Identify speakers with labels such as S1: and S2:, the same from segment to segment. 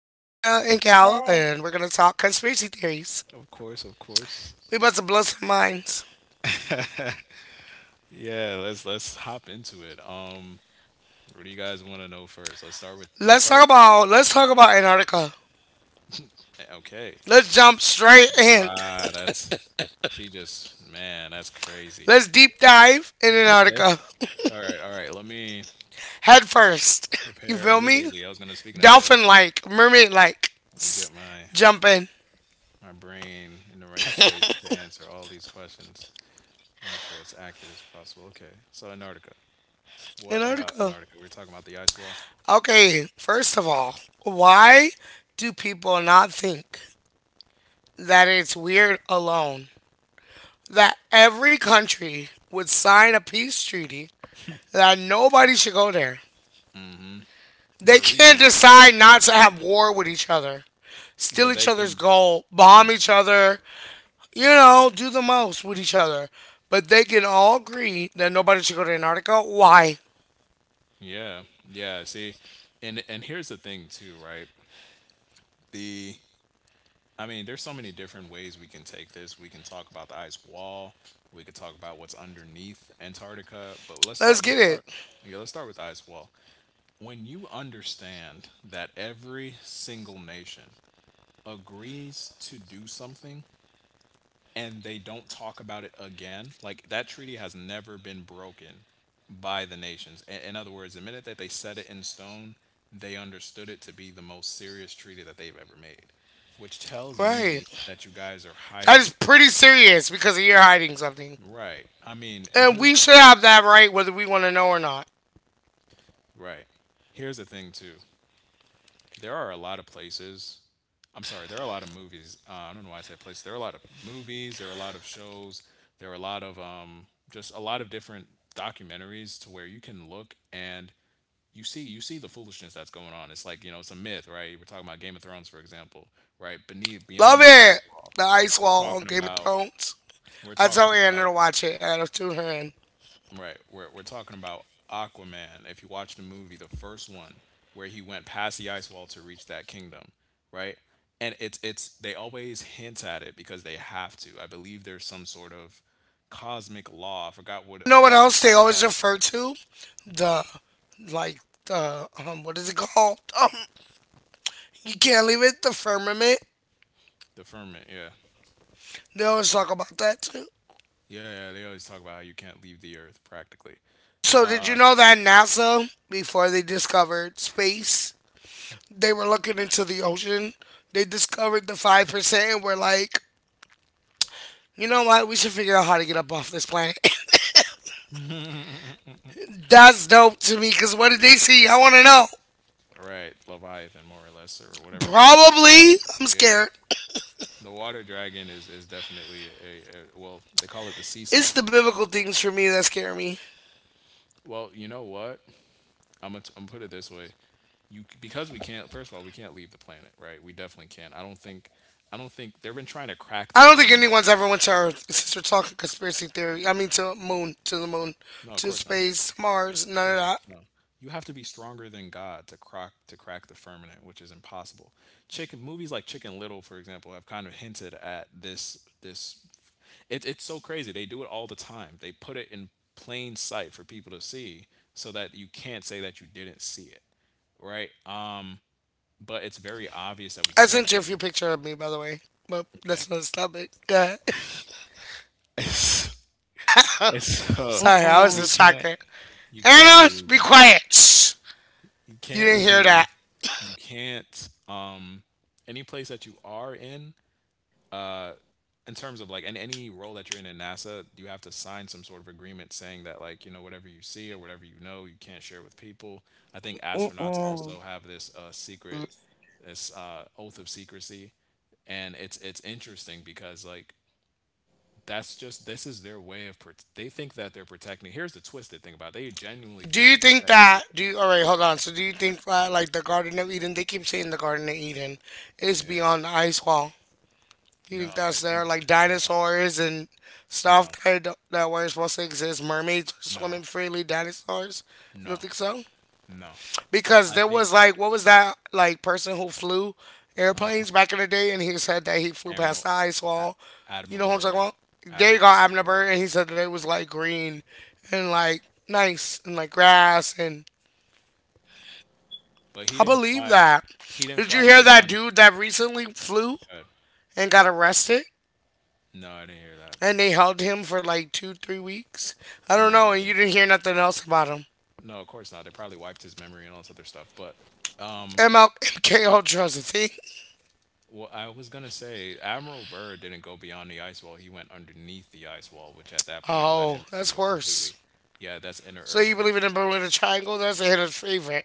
S1: and Cal, and we're going to
S2: Hey.
S1: talk conspiracy theories.
S3: Of course, of course.
S1: We about to blow some minds.
S3: Yeah, let's hop into it. What do you guys want to know first? Let's start with let's start.
S1: Let's talk about Antarctica.
S3: Okay.
S1: Let's jump straight in.
S3: Wow, that's she just man, that's crazy.
S1: Let's deep dive in
S3: Okay.
S1: Antarctica.
S3: All right. Let me
S1: Head first. You
S3: prepare.
S1: feel me?
S3: Literally, I was gonna speak in ahead.
S1: Dolphin like, mermaid like.
S3: Let me get my
S1: Jump in.
S3: my brain in the right space to answer all these questions and make sure it's accurate as possible. Okay. So Antarctica. What about
S1: Antarctica.
S3: Antarctica? We're talking about the ice wall.
S1: Okay, first of all, why do people not think that it's weird alone that every country would sign a peace treaty that nobody should go there?
S3: Mm-hmm.
S1: They
S3: Their
S1: can't
S3: reason,
S1: decide not to have war with each other, steal
S3: but
S1: each
S3: they
S1: other's
S3: can.
S1: gold,
S3: Mm-hmm.
S1: bomb each other, you know, do the most with each other. But they can all agree that nobody should go to Antarctica. Why?
S3: Yeah. Yeah. See, and here's the thing too, right? The I mean, there's so many different ways we can take this. We can talk about the ice wall. We could talk about what's underneath Antarctica. But let's
S1: Let's
S3: start.
S1: get
S3: Let's
S1: it.
S3: start. Yeah, let's start with the ice wall. When you understand that every single nation agrees to do something, and they don't talk about it again, like that treaty has never been broken by the nations. In other words, the minute that they set it in stone, they understood it to be the most serious treaty that they've ever made, which tells me
S1: Right.
S3: that you guys are
S1: That
S3: hiding
S1: is
S3: something.
S1: pretty serious because you're hiding something.
S3: Right. I mean, and
S1: And
S3: here's
S1: we
S3: the
S1: should
S3: thing.
S1: have that right whether we want to know or not.
S3: Right. Here's the thing, too. there are a lot of places. There are a lot of movies. I don't know why I said places. There are a lot of movies. There are a lot of shows. There are a lot of just a lot of different documentaries to where you can look and you see the foolishness that's going on. It's like you know it's a myth, right? We're talking about Game of Thrones, for example, right? Beneath beyond
S1: Love
S3: the eyes
S1: it.
S3: wall.
S1: The ice
S3: We're
S1: wall on
S3: talking
S1: Game of
S3: about
S1: Thrones.
S3: we're
S1: I
S3: talking
S1: tell Anna
S3: about
S1: to watch it and I'll tune her in.
S3: Right. We're talking about Aquaman. If you watch the movie, the first one, where he went past the ice wall to reach that kingdom, right? And it's they always hint at it because they have to. I believe there's some sort of cosmic law. I
S1: You know
S3: forgot
S1: what
S3: what
S1: else
S3: it's
S1: they always
S3: called.
S1: refer to?
S3: What
S1: The, like, what is it called? You can't leave it, the firmament.
S3: the firmament? Yeah,
S1: They always talk about that too.
S3: yeah. They always talk about how you can't leave the earth practically.
S1: So, did you know that NASA, before they discovered space, they were looking into the ocean? They discovered the 5% and were like, you know what? We should figure out how to get up off this planet. That's dope to me because what did they see? I want to know.
S3: Right, Leviathan, more or less, or whatever creature.
S1: Probably, I'm
S3: Yeah,
S1: scared.
S3: the water dragon is definitely a, They call it the sea snake.
S1: It's the biblical things for me that scare me.
S3: Well, you know what? I'm gonna put it this way. You because we can't. First of all, we can't leave the planet, right? We definitely can't. I don't think. I don't think they've been trying to crack the
S1: I don't think
S3: firmament.
S1: anyone's ever went to Earth since we're talking conspiracy theory. To the moon,
S3: No, of
S1: to
S3: course not.
S1: space, Mars,
S3: Of
S1: none of
S3: course not.
S1: that.
S3: No. You have to be stronger than God to crack the firmament, which is impossible. Chicken movies like Chicken Little, for example, have kind of hinted at it's so crazy. They do it all the time. They put it in plain sight for people to see so that you can't say that you didn't see it, right? But it's very obvious that we
S1: I
S3: can't
S1: sent you a
S3: leave.
S1: few pictures of me, by the way, but
S3: Okay.
S1: that's not a topic. Go ahead.
S3: and so
S1: Sorry, I was
S3: you
S1: just
S2: Mm-mm.
S3: can't
S1: distracted.
S3: you can't
S1: Anna, be
S3: leave.
S1: quiet. Shh.
S3: You
S1: You
S3: can't
S1: didn't hear
S3: leave.
S1: that.
S3: You can't any place that you are uh in terms of like in any role that you're in NASA, you have to sign some sort of agreement saying that like, you know, whatever you see or whatever you know, you can't share with people. I think astronauts also
S2: Mm-mm.
S3: have this secret this oath of secrecy and it's interesting because like that's just this is their way of they think that they're protecting here's the twisted thing about it. They genuinely
S1: Do
S3: think they're
S1: you think
S3: protecting
S1: that
S3: people.
S1: do you All right, hold on. So do you think that,
S3: Okay.
S1: like, the Garden of Eden, they keep saying the Garden of Eden is
S3: Yeah.
S1: beyond the ice wall. Do you
S3: no
S1: think
S3: I
S1: that's
S3: think
S1: there? Like
S3: No.
S1: dinosaurs and
S3: no
S1: stuff that don't- that weren't supposed to exist, mermaids
S3: no
S1: swimming freely, dinosaurs? You
S3: no
S1: don't think so?
S3: no
S1: Because
S3: I
S1: there
S3: think
S1: was like what was that like person who flew
S3: uh
S1: airplanes back in the day and he said that he flew past
S3: Admiral.
S1: the ice
S3: A-
S1: wall. You
S3: Admiral
S1: know who I'm talking
S3: Bird.
S1: about? They
S3: Admiral Bird,
S1: got Abner
S3: yeah,
S1: Bird and he said that it was like green and like nice and like grass and
S3: but
S1: I believe that.
S3: he didn't
S1: Did you
S3: fly
S1: hear that
S3: beyond.
S1: dude that recently flew
S3: Good.
S1: and got arrested?
S3: No, I didn't hear that.
S1: And they held him for like two, 3 weeks? I
S3: No, I
S1: don't
S3: didn't.
S1: know, and you didn't hear nothing else about him.
S3: No, of course not. They probably wiped his memory and all this other stuff, but um,
S1: MK Ultra's a thing?
S3: well, I was gonna say Admiral Byrd didn't go beyond the ice wall. He went underneath the ice wall, which at that point led
S1: Oh,
S3: him
S1: that's
S3: to a
S1: worse.
S3: completely, yeah, that's inner
S1: So you
S3: Earth, which
S1: believe in the
S3: is
S1: Bermuda Triangle? That's Anna's favorite.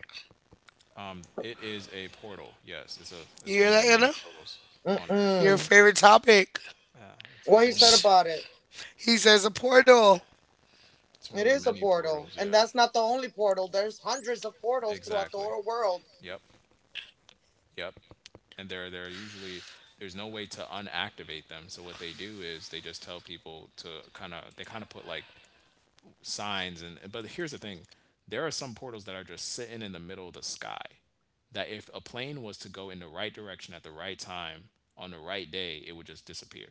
S3: it is a portal. Yes,
S1: You
S3: it's
S1: hear
S3: one of
S1: that,
S3: the many
S1: Anna?
S3: portals on Earth.
S1: Your
S2: Mm-mm.
S1: favorite topic.
S3: Yeah,
S2: What he said
S1: Shh.
S2: about it?
S1: He says a portal.
S3: it's one
S2: It
S3: of the
S2: is a
S3: many
S2: portal,
S3: portals.
S2: and
S3: Yeah,
S2: that's not the only portal. There's hundreds of portals throughout the
S3: exactly.
S2: whole world,
S3: Yep, yep. And they're usually there's no way to unactivate them. So what they do is they just tell people to kind of they kind of put like signs and but here's the thing there are some portals that are just sitting in the middle of the sky that if a plane was to go in the right direction at the right time on the right day it would just disappear.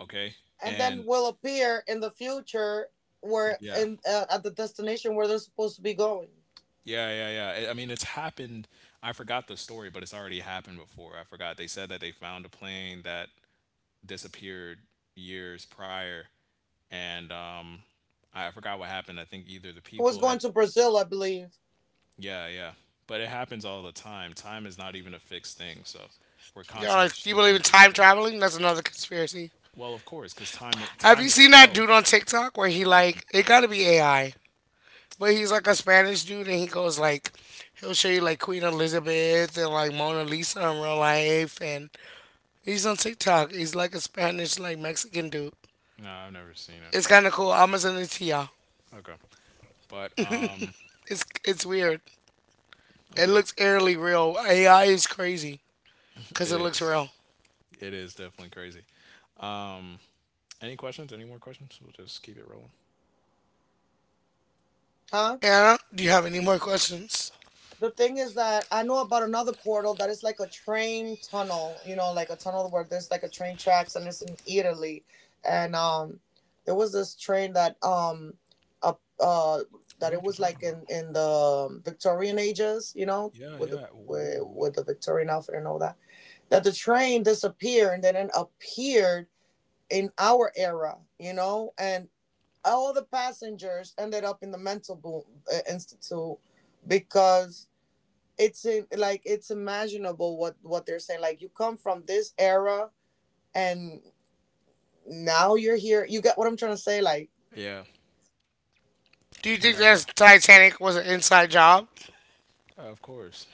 S3: Okay.
S2: and then
S3: And
S2: will appear in the future where
S3: yeah
S2: in at the destination where they're supposed to be going.
S3: yeah, I mean it's happened. I forgot the story but It's already happened before. I forgot They said that they found a plane that disappeared years prior, and I forgot what happened I think either the
S2: It was
S3: people had.
S2: going to Brazil, I believe,
S3: Yeah, yeah. But it happens all the time. Time is not even a fixed thing, so we're
S1: You
S3: constantly
S1: like, you believe
S3: shifting
S1: in
S3: through
S1: time
S3: different.
S1: traveling? That's another conspiracy.
S3: Well, of course, because
S1: Have
S3: time
S1: you seen that
S3: itself.
S1: dude on TikTok where he
S3: Oh
S1: like,
S3: my
S1: it
S3: god.
S1: gotta be AI. But he's like a Spanish dude, and he goes like, he'll show you like Queen Elizabeth and like Mona Lisa in real life, and he's on TikTok. He's like a Spanish like Mexican dude.
S3: No, I've never seen it.
S1: It's kind of cool. I'ma send it to y'all.
S3: Okay, but
S1: It's weird. It
S3: okay,
S1: looks eerily real. AI is crazy because
S3: it
S1: it looks
S3: is.
S1: real.
S3: It is definitely crazy. Um, any questions? Any more questions? We'll just keep it rolling.
S2: huh?
S1: Anna, do you have any more questions?
S2: The thing is that I know about another portal that is like a train tunnel, you know, like a tunnel where there's like a train tracks and it's in Italy. And there was this train that uh, uh
S3: I
S2: that
S3: know
S2: it
S3: what
S2: was
S3: you're
S2: like
S3: talking about.
S2: in the Victorian ages, you know,
S3: Yeah,
S2: with the
S3: yeah.
S2: with,
S3: Ooh.
S2: with the Victorian outfit and all that. That the train disappeared and then it appeared in our era, you know, and all the passengers ended up in the mental boom, institute because it's in, like it's imaginable what they're saying, like you come from this era and now you're here, you get what I'm trying to say, like.
S3: Yeah,
S1: Do you think
S3: yeah.
S1: that Titanic was an inside job?
S3: Of course.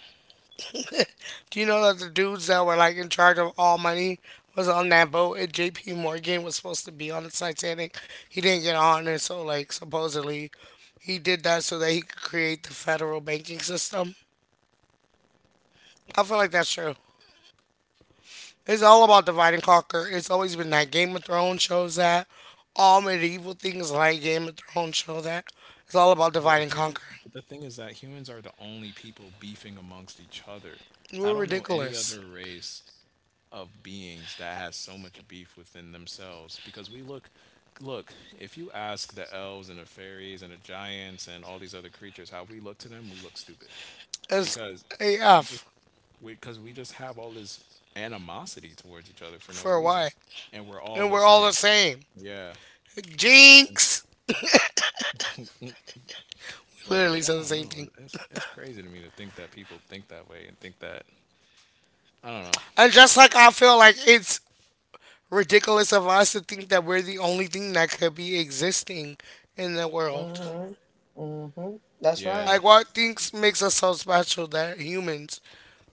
S1: Do you know that the dudes that were like in charge of all money was on that boat and JP Morgan was supposed to be on the Titanic? He didn't get on and so like supposedly he did that so that he could create the federal banking system. I feel like that's
S3: What did you
S1: true.
S3: say?
S1: It's all about divide and conquer. It's always been that Game of Thrones shows that. All medieval things like Game of Thrones show that. It's all about
S3: But
S1: divide and
S3: humans,
S1: conquer.
S3: but the thing is that humans are the only people beefing amongst each other.
S1: We're
S3: I don't know any
S1: ridiculous.
S3: other race of beings that has so much beef within themselves because look, if you ask the elves and the fairies and the giants and all these other creatures how we look to them, we look stupid
S1: It's
S3: because we just,
S1: AF
S3: because we just have all this animosity towards each other for no
S1: for
S3: reason
S1: what?
S3: and we're all
S1: And we're
S3: the
S1: all the
S3: same.
S1: same.
S3: Yeah, it's a
S1: Jinx!
S3: but
S1: Literally
S3: I
S1: said the
S3: don't
S1: same thing.
S3: know. It's crazy to me to think that people think that way and think that I don't know.
S1: And just like I feel like it's ridiculous of us to think that we're the only thing that could be existing in the world.
S2: Mm-hmm. Mm-hmm. That's right.
S1: Like
S3: Yeah,
S1: what things makes us so special that humans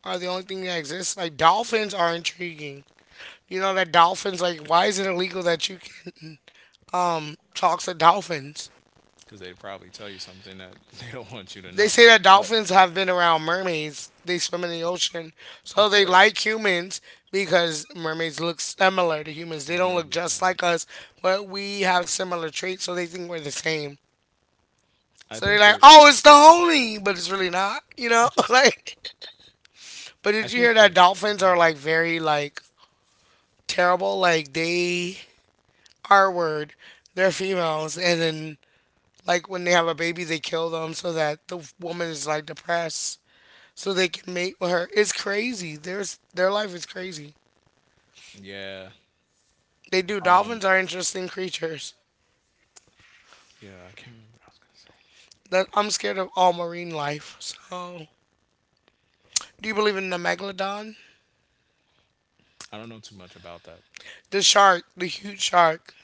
S1: are the only thing that exists? Like dolphins are intriguing. You know that dolphins like why is it illegal that you can talk to dolphins?
S3: because they probably tell you something that they don't want you to
S1: They
S3: know.
S1: say that
S3: But
S1: dolphins have been around mermaids. They swim in the ocean, so
S3: of
S1: they
S3: course,
S1: like humans because mermaids look similar to humans. They
S3: I
S1: don't look
S3: remember you
S1: just
S3: saying
S1: like
S3: that.
S1: us, but we have similar traits, so they think we're the same. So
S3: I
S1: they're
S3: think
S1: like,
S3: they're.
S1: "Oh, it's the homie," but it's really not, you know.
S3: I just.
S1: Like, but did
S3: I
S1: you hear
S3: think
S1: that
S3: they're.
S1: dolphins are
S3: Smart.
S1: like very like terrible? Like they are word, they're females, and then like when they have a baby, they kill them so that the woman is like depressed. So they can mate with her. It's crazy. There's Their life is crazy.
S3: Yeah.
S1: They do. Dolphins
S3: Um.
S1: are interesting creatures.
S3: Yeah. I can't remember what I was gonna say.
S1: That I'm scared of all marine life. So, do you believe in the megalodon?
S3: I don't know too much about that.
S1: The shark, the huge shark.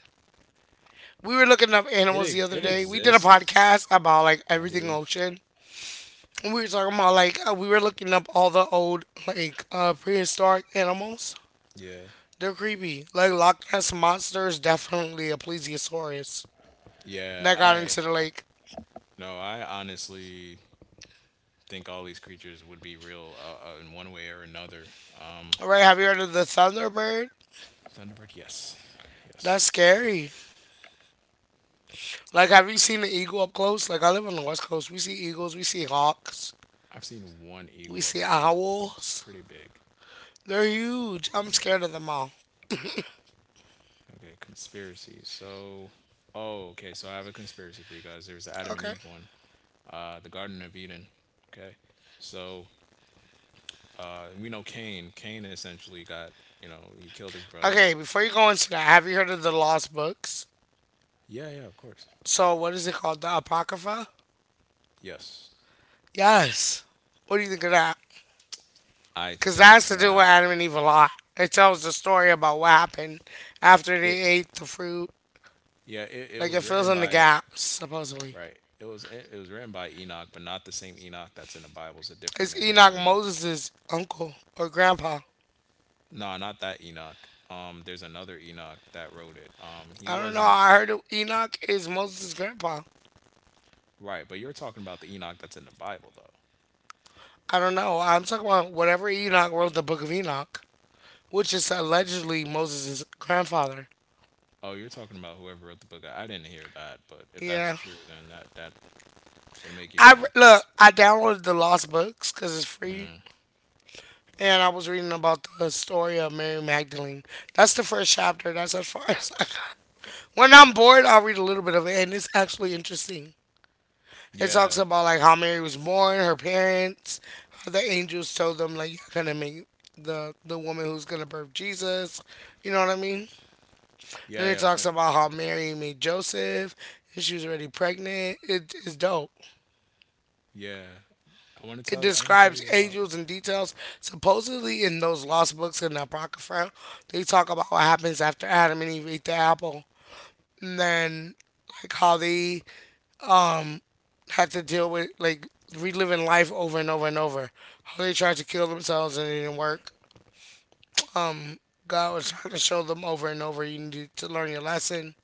S1: We were looking up animals the other
S3: It
S1: day. We did a
S3: exists,
S1: podcast about like
S3: I
S1: everything
S3: believe.
S1: ocean. And we were talking about like we were looking up all the old like prehistoric animals.
S3: Yeah.
S1: They're creepy. Like Loch Ness monster is definitely a plesiosaurus that
S3: Yeah,
S1: got
S3: I
S1: into the lake.
S3: no, I honestly think all these creatures would be real in one way or another. Um,
S1: All right, have you heard of the Thunderbird?
S3: Thunderbird, yes.
S1: That's
S3: Yes.
S1: scary. Like, have you seen an eagle up close? Like, I live on the West Coast. We see eagles, we see hawks,
S3: I've seen one
S1: we
S3: eagle
S1: see
S3: up close. It's
S1: owls.
S3: pretty big.
S1: They're huge. I'm scared of
S3: Yeah.
S1: them all.
S3: Okay, conspiracy. Okay. So I have a conspiracy for you guys. There's the Adam and
S1: Okay.
S3: Eve one, the Garden of Eden. Okay. So we know Cain. Cain essentially got, you know, he killed his brother.
S1: Okay, before you go into that, have you heard of the lost books?
S3: Yeah, yeah, of course.
S1: So, what is it called? The Apocrypha?
S3: Yes.
S1: Yes. What do you think of that?
S3: I
S1: Because that
S3: think
S1: has to do with
S3: that
S1: Adam and Eve a lot. It tells the story about what happened after
S3: it,
S1: they ate the fruit.
S3: yeah, it
S1: Like, it
S3: was
S1: fills
S3: written
S1: in the
S3: by,
S1: gaps, supposedly.
S3: right. It was written by Enoch, but not the same Enoch that's in the Bible. It's a different
S1: It's
S3: man named
S1: Enoch
S3: Enoch.
S1: Moses' uncle or grandpa.
S3: No, not that Enoch. There's another Enoch that wrote it. He
S1: I don't know.
S3: wasn't
S1: I heard Enoch is Moses' grandpa.
S3: right, but you're talking about the Enoch that's in the Bible, though.
S1: I don't know. I'm talking about whenever Enoch wrote the Book of Enoch, which is allegedly Moses' grandfather.
S3: Oh, you're talking about whoever wrote the book. I didn't hear that, but if that's
S1: Yeah.
S3: true, then that would make even more
S1: Look.
S3: sense.
S1: I downloaded the Lost Books because it's free, and I was reading about the story of Mary Magdalene. That's the first chapter. That's as far as I got. When I'm bored, I'll read a little bit of it, and it's actually interesting. It talks
S3: Yeah,
S1: about like how Mary was born, her parents, how the angels told them like you're gonna make the woman who's gonna birth Jesus. You know what I mean? And it
S3: yeah.
S1: talks about how Mary made Joseph and she was already pregnant. It is dope.
S3: Yeah, I want to
S1: It
S3: tell you. I want to tell
S1: describes
S3: you about.
S1: angels and details. Supposedly in those lost books in the Apocrypha, they talk about what happens after Adam and Eve ate the apple. And then like how they have to deal with like reliving life over and over and over. How they tried to kill themselves and it didn't work. Um, God was trying to show them over and over you need to learn your lesson.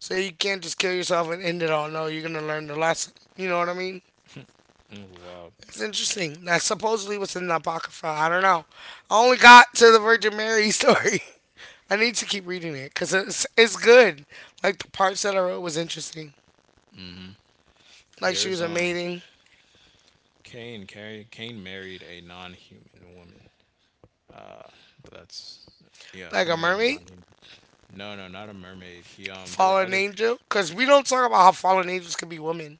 S1: So you can't just kill yourself and end it all. No, you're gonna learn the lesson. You know what I mean?
S3: Oh, wow.
S1: It's interesting. That's supposedly what's in the Apocrypha. I don't know. I only got to the Virgin Mary story. I need to keep reading it because it's good. Like the parts that I wrote was interesting. Like she
S3: There's
S1: was a maiden,
S3: Cain. Cain married a non-human woman. Uh, but that's yeah, he
S1: like a
S3: married a
S1: mermaid.
S3: non-human. No, no, not a mermaid. He there were
S1: Fallen
S3: other
S1: angel? Because we don't talk about how fallen angels can be women.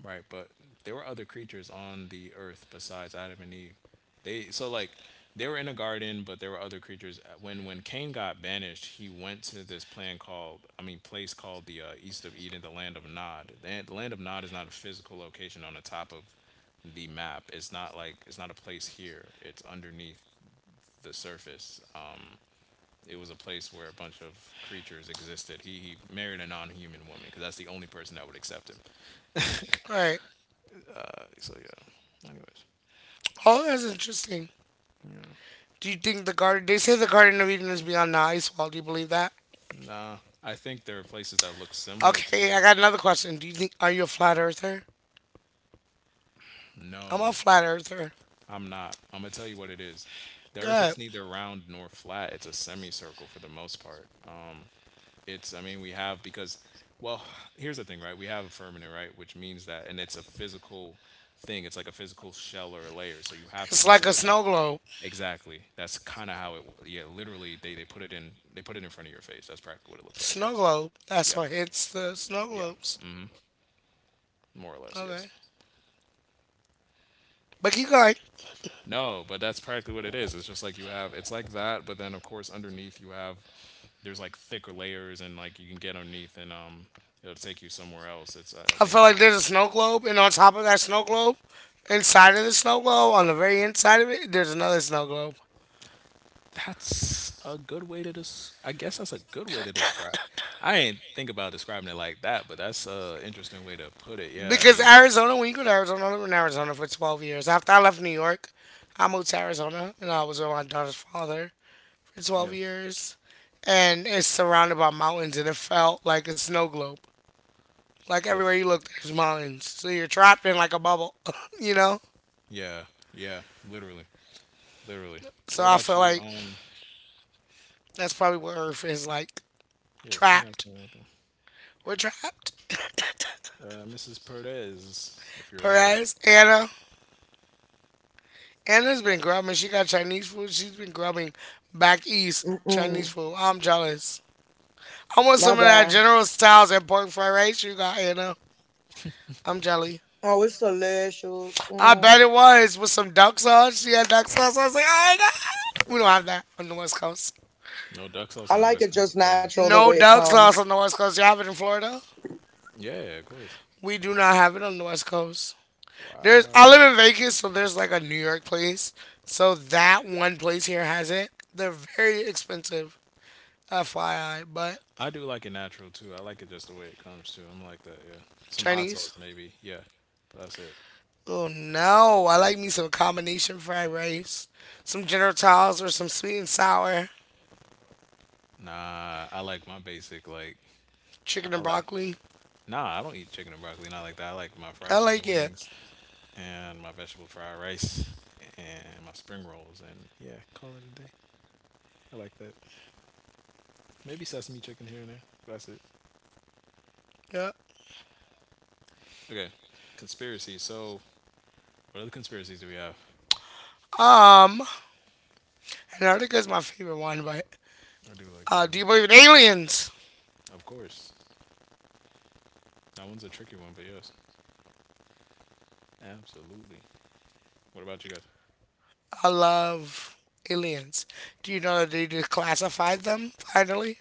S3: right? But there were other creatures on the earth besides Adam and Eve. They so like they were in a garden, but there were other creatures. When Cain got banished, he went to this plan called I mean place called the East of Eden, the land of Nod. The land of Nod is not a physical location on the top of the map. It's not like it's not a place here. It's underneath the surface. It was a place where a bunch of creatures existed. He married a non-human woman because that's the only person that would accept him.
S1: All right.
S3: So yeah. Anyways.
S1: Oh, that's interesting.
S3: Yeah.
S1: Do you think the garden? They say the Garden of Eden is beyond the ice wall. Do you believe that?
S3: Nah, I think there are places that look similar to
S1: Okay, I
S3: it.
S1: got another question. Do you think Are you a flat earther? I'm a
S3: No,
S1: flat earther.
S3: I'm not. I'm gonna tell you what it is. The Earth
S1: Good.
S3: is neither round nor flat. It's a semicircle for the most part. I mean, we have because, well, here's the thing, right? We have a firmament, right, which means that, and it's a physical thing. It's like a physical shell or a layer. So you have to
S1: It's like a
S3: consider that.
S1: snow globe.
S3: Exactly. That's kind of how it. Yeah, literally, they put it in. They put it in front of your face. That's practically what it looks like.
S1: Snow
S3: Yes.
S1: globe. That's
S3: Yep.
S1: what hits the snow
S3: Yeah.
S1: globes.
S3: More or less. Yes.
S1: Okay. But keep going.
S3: No, but that's practically what it is. It's just like you have, it's like that, but then of course underneath you have, there's like thicker layers and like you can get underneath and it'll take you somewhere else. It's I
S1: I feel
S3: think
S1: like there's a snow globe, and on top of that snow globe, inside of the snow globe, on the very inside of it, there's another snow globe.
S3: that's a good way to I guess that's a good way to describe. I ain't think about describing it like that, but that's a interesting way to put it. Yeah, I
S1: Because
S3: mean,
S1: Arizona, when you go to Arizona, I lived in Arizona for 12 years. After I left New York, I moved to Arizona and I was with my daughter's father for
S3: yeah,
S1: 12 years. And it's surrounded by mountains and it felt like a snow globe. Like everywhere
S3: if
S1: you look, there's mountains. So you're trapped in like a bubble, you know?
S3: yeah, yeah, literally, literally. What
S1: So I
S3: about
S1: feel
S3: you?
S1: like that's probably what Earth is like.
S3: Yeah, 'cause she not
S1: Trapped.
S3: saying anything.
S1: We're trapped.
S3: Mrs. Perez, if you're there.
S1: Perez, Anna. Anna's been grubbing. She got Chinese food. She's been grubbing back east Chinese
S2: Mm-mm.
S1: food. I'm jealous. I want
S2: My
S1: some of that
S2: bad.
S1: General Tso's and pork fried rice you got you know. I'm jelly.
S2: Oh, it's delicious.
S1: I bet
S2: Mm.
S1: it was with some duck sauce. She had duck sauce. I was like, oh my god, we don't have that on the West Coast.
S3: No duck sauce on
S2: I
S3: the
S2: like
S3: West
S2: it
S3: Coast is
S2: just
S3: crazy.
S2: natural the
S1: No
S2: way it
S1: duck
S2: comes.
S1: sauce on the West Coast. You have it in Florida?
S3: Yeah, of course.
S1: We do not have it on the West Coast. There's I live
S3: Wow.
S1: in Vegas, so there's like a New York place. So that one place here has it. They're very expensive, FYI. But
S3: I do like it natural too. I like it just the way it comes too. I'm like that, yeah. Some hot sauce
S1: Chinese.
S3: maybe, yeah. But that's it.
S1: Oh no, I like me some combination fried rice, some General Tso's or some sweet and sour.
S3: Nah, I like my basic like
S1: Chicken
S3: I
S1: and
S3: like
S1: broccoli.
S3: nah, I don't eat chicken and broccoli, not like that. I like my
S1: I
S3: fried
S1: like
S3: chicken
S1: it.
S3: wings and my vegetable fried rice and my spring rolls and yeah, call it a day. I like that. Maybe sesame chicken here and there. But that's it.
S1: Yeah.
S3: Okay. Conspiracy. So what other conspiracies do we have?
S1: Um, Antarctica is my favorite one, but
S3: I do like them.
S1: do you believe in aliens?
S3: Of course. That one's a tricky one, but yes, absolutely. What about you
S1: I love aliens. Do you know that they declassified them finally?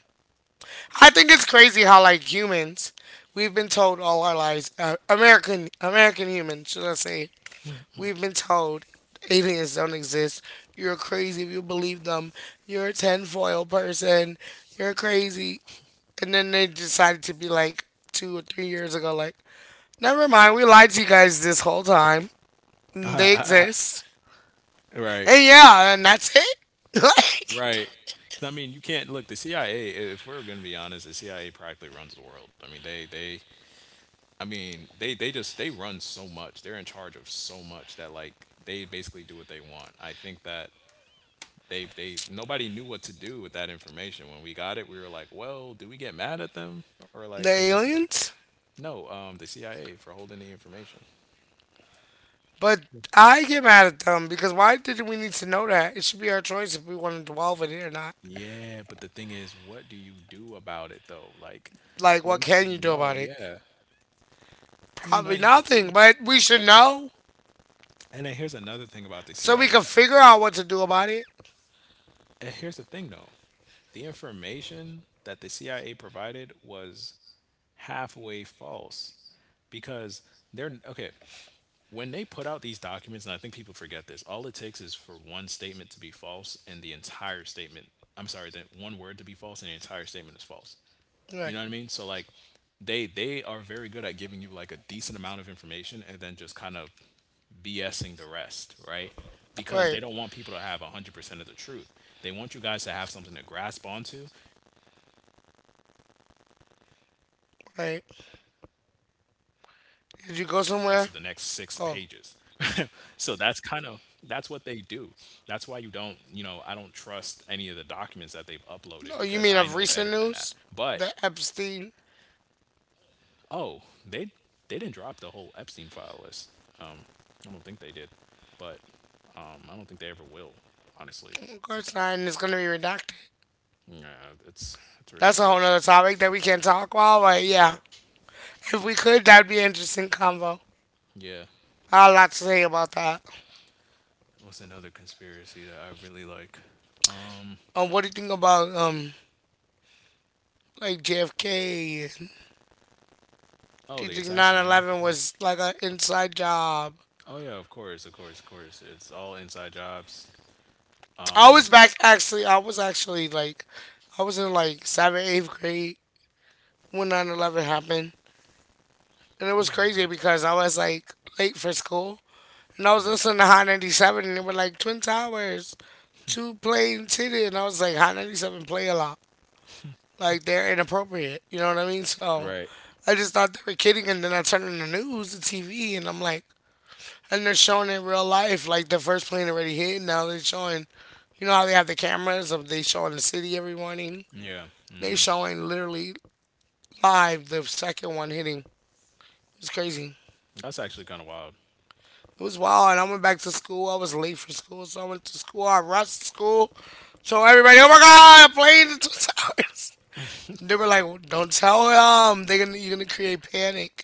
S1: I think it's crazy how, like, humans, we've been told all our lives, American humans, should I say, we've been told aliens don't exist. You're crazy if you believe them. You're a tinfoil person. You're crazy. And then they decided to be like 2 or 3 years ago, like, never mind, we lied to you guys this whole time. They
S3: guys?
S1: exist.
S3: Right,
S1: And yeah, and that's it. Like,
S3: right. Because I mean, you can't look the CIA. If we're going to be honest, the CIA practically runs the world. I mean, I mean, they run so much. They're in charge of so much that like they basically do what they want. I think that nobody knew what to do with that information when we got it. We were like, well, do we get mad at them or like,
S1: the
S3: because it,
S1: aliens.
S3: no, the CIA for holding the information.
S1: But I get mad at them because why did we need to know that? It should be our choice if we want to dwell with it or not.
S3: Yeah, but the thing is, what do you do about it though? Like,
S1: Like, what
S3: once you
S1: can you do
S3: know,
S1: about it?
S3: yeah, ain't
S1: Probably
S3: nothing you could do.
S1: nothing, but we should know
S3: And then here's another thing about the
S1: so we
S3: CIA
S1: can
S3: that,
S1: figure out what to do about it.
S3: and here's the thing though, the information that the CIA provided was halfway false because they're okay. When they put out these documents, and I think people forget this, all it takes is for one statement to be false and the entire statement, I'm sorry, that one word to be false and the entire statement is false. You
S1: Right,
S3: know what I mean? So like they are very good at giving you like a decent amount of information and then just kind of BSing the rest, right? Because they
S1: right,
S3: don't want people to have 100% of the truth. They want you guys to have something to grasp onto. And once you have something to grasp onto, they're like, great, well, now we can lie to them for the
S1: right.
S3: rest of the next six pages.
S1: Did you
S3: So
S1: go
S3: that's
S1: somewhere?
S3: kind of that's
S1: Oh,
S3: what they do, that's why you don't I don't trust any of the documents that they've uploaded because I know better than that but
S1: no, you mean of recent news? The Epstein.
S3: Oh, they didn't drop the whole Epstein file list. I don't think they did, but I don't think they ever will. Honestly,
S1: Of course not, and it's gonna be redacted.
S3: yeah, it's
S1: That's a whole
S3: ridiculous.
S1: nother topic that we can't talk about, but yeah.
S3: Right.
S1: If we could, that'd be an interesting convo.
S3: Yeah.
S1: I have a lot to say about that.
S3: What's another conspiracy that I really like? Um.
S1: What do you think about like JFK? Do
S3: Oh,
S1: you
S3: the
S1: think
S3: assassination.
S1: 9/11 was like an inside job?
S3: Oh yeah, of course, of course, of course. It's all inside jobs.
S1: I
S3: Um.
S1: was back actually. I was in like seventh, eighth grade when 9/11 happened, and it was
S3: Hold on.
S1: crazy
S3: That?
S1: because I was like late for school, and I was
S3: Yeah.
S1: listening to Hot 97, and they were like Twin Towers. To playing titty, and I was like, Hot 97 play a lot. Like, they're inappropriate. You know what I mean? So
S3: Right.
S1: I just thought they were kidding, and then I turned on the news, the TV, and I'm like, and they're showing it in real life, like the first plane already hit. Now they're showing, you know how they have the cameras of they showing the city every morning.
S3: Yeah.
S1: They
S3: Hmm.
S1: showing literally live the second one hitting. It's crazy.
S3: That's actually kind of wild.
S1: It was wild, and I went back to school. I was late for school, so I went to school. I rushed to school. So everybody, oh my god, I played in 2 hours. They were like, "Don't tell them. They're gonna you're gonna create panic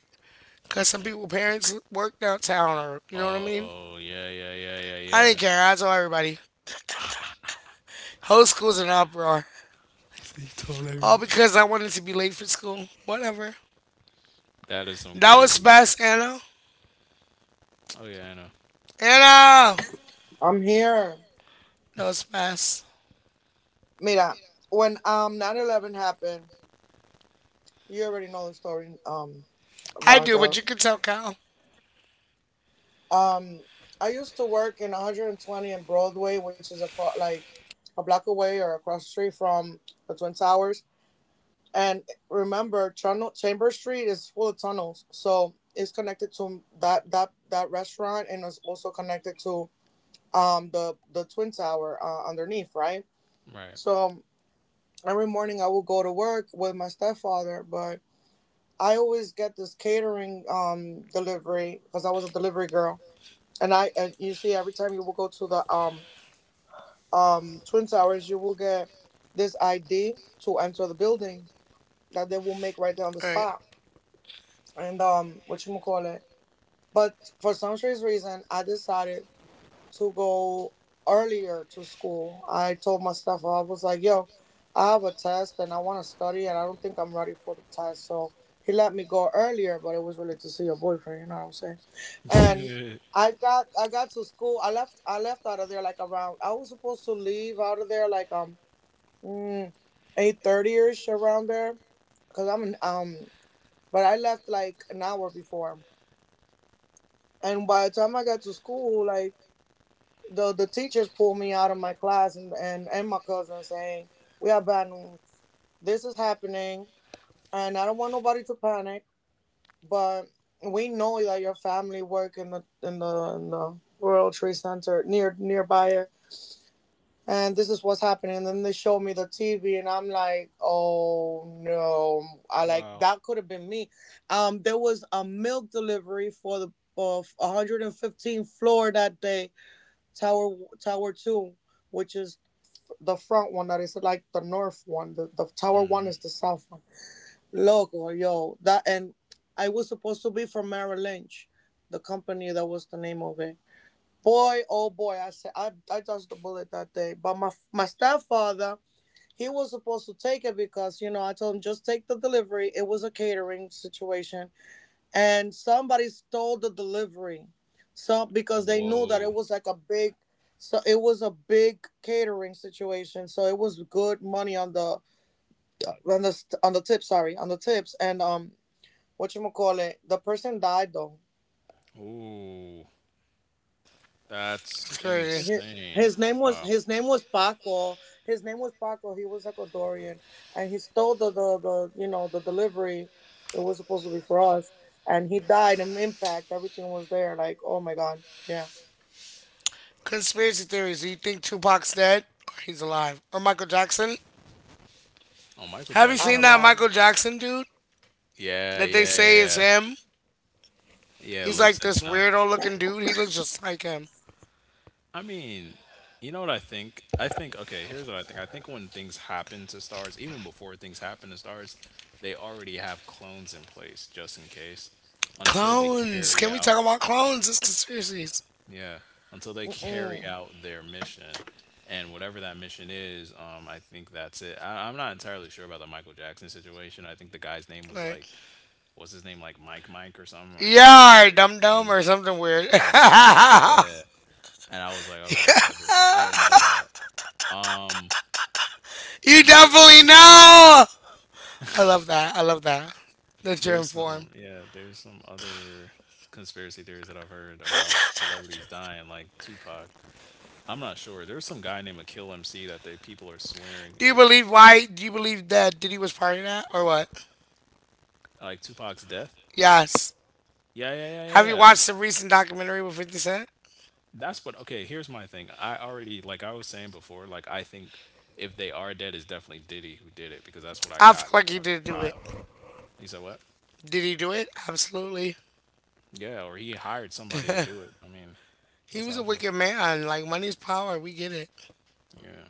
S1: because some people parents work downtown, or you know what I mean."
S3: Oh yeah, yeah, yeah, yeah,
S1: I
S3: yeah.
S1: didn't care. I told everybody. Whole school's in uproar.
S3: He told
S1: All
S3: everyone.
S1: because I wanted to be late for school. Whatever.
S3: That is some
S1: That was
S3: crazy.
S1: fast, Anna.
S3: Oh yeah, I know.
S1: Anna!
S2: I'm here.
S1: That was fast.
S2: Mira, when 9/11 happened, you already know the story,
S1: I do, but
S2: Veronica.
S1: you can tell Kyle.
S2: Um, I used to work in 120 and Broadway, which is across like a block away or across the street from the Twin Towers. And remember, Channel Chamber Street is full of tunnels, so it's connected to that restaurant, and it's also connected to the Twin Tower underneath, right?
S3: Right.
S2: So every morning I would go to work with my stepfather, but I always get this catering delivery because I was a delivery girl, and I and you see every time you will go to the twin towers, you will get this ID to enter the building that they will make right there on the
S1: Alright,
S2: spot. And what you call it. But for some strange reason I decided to go earlier to school. I told my staff, I was like, yo, I have a test and I want to study and I don't think I'm ready for the test. So he let me go earlier, but it was really to see your boyfriend, you know what I'm saying? And I got to school. I left out of there like around I was supposed to leave out of there like mm, 8:30 ish around there, cuz I'm in, but I left like an hour before. And by the time I got to school, like the teachers pulled me out of my class, and and my cousin saying we have bad news, this is happening, and I don't want nobody to panic, but we know that your family work in the World Trade center nearby here, and this is what's happening. And then they showed me the TV, and I'm like, oh no, I like
S3: Wow.
S2: that could have been me. There was a milk delivery for the of 115th floor that day, tower 2, which is the front one that is like the north one. The tower one
S3: Hmm.
S2: is the south one. Loco, yo, that, and I was supposed to be from Merrill Lynch, the company that was the name of it. Boy, oh boy, I said I dodged the bullet that day. But my stepfather, he was supposed to take it, because you know I told him just take the delivery. It was a catering situation, and somebody stole the delivery, so because they knew that it
S3: Whoa.
S2: was like a big, so it was a big catering situation, so it was good money on the st- on the tip sorry on the tips, and what you call it, the person died though.
S3: Ooh,
S1: that's
S3: that's
S1: crazy.
S2: Hi-
S3: insane.
S2: his name was
S3: Wow.
S2: his name was Paco. His name was Paco. He was Ecuadorian, and he stole the you know the delivery. It was supposed to be for us, and he died. In impact, everything was there. Like, oh my god, yeah.
S1: Conspiracy theories. Do you think Tupac's dead? Or he's alive? Or Michael Jackson?
S3: Oh, Michael
S1: Have you
S2: I don't
S1: seen that
S3: Jackson.
S2: know.
S1: Michael Jackson dude
S3: Yeah,
S1: that they
S3: yeah,
S1: say is
S3: yeah.
S1: him?
S3: Yeah,
S1: He's
S3: looks
S1: like
S3: and
S1: this
S3: sound.
S1: weirdo looking dude. He looks just like him.
S3: I mean, you know what I think? I think, okay, here's what I think. I think when things happen to stars, even before things happen to stars, they already have clones in place just in case until they
S1: Clones.
S3: carry
S1: Can we talk
S3: out
S1: about clones? It's conspiracies.
S3: Yeah, until they carry
S2: Mm,
S3: out their mission. And whatever that mission is, I think that's it. I'm not entirely sure about the Michael Jackson situation. I think the guy's name was
S1: Like,
S3: like, what's his name, like Mike or something, or Jerry
S1: yeah,
S3: Jerry or
S1: dum dum or something weird. You
S3: some yeah. And I was like, okay, whatever, but I don't know that. Um, there
S1: definitely
S3: is
S1: know. I love that. I love that. That you're
S3: there's
S1: informed.
S3: some yeah there's some other conspiracy theories that I've heard about celebrities dying, like Tupac. I'm not sure. There's some guy named Akil MC that they people are swearing
S1: Do you
S3: is
S1: believe
S3: Tupac,
S1: why? Do you believe that Diddy was part of that or what?
S3: like Tupac's death.
S1: Yes.
S3: Yeah, yeah, yeah,
S1: Have you
S3: yeah, yeah.
S1: watched the recent documentary with 50 Cent?
S3: That's what. Okay, here's my thing. I already like I was saying before. Like I think if they are dead, it's definitely Diddy who did it because that's what I
S1: I feel
S3: got. Like
S1: like
S3: when I
S1: he
S3: was
S1: did
S3: a
S1: do it.
S3: child. He said what?
S1: Did he do it? Absolutely.
S3: Yeah, or he hired somebody to do it. I mean,
S1: He
S3: that's
S1: was
S3: how I
S1: a
S3: feel.
S1: wicked man. Like, money's power. We get it.
S3: Yeah,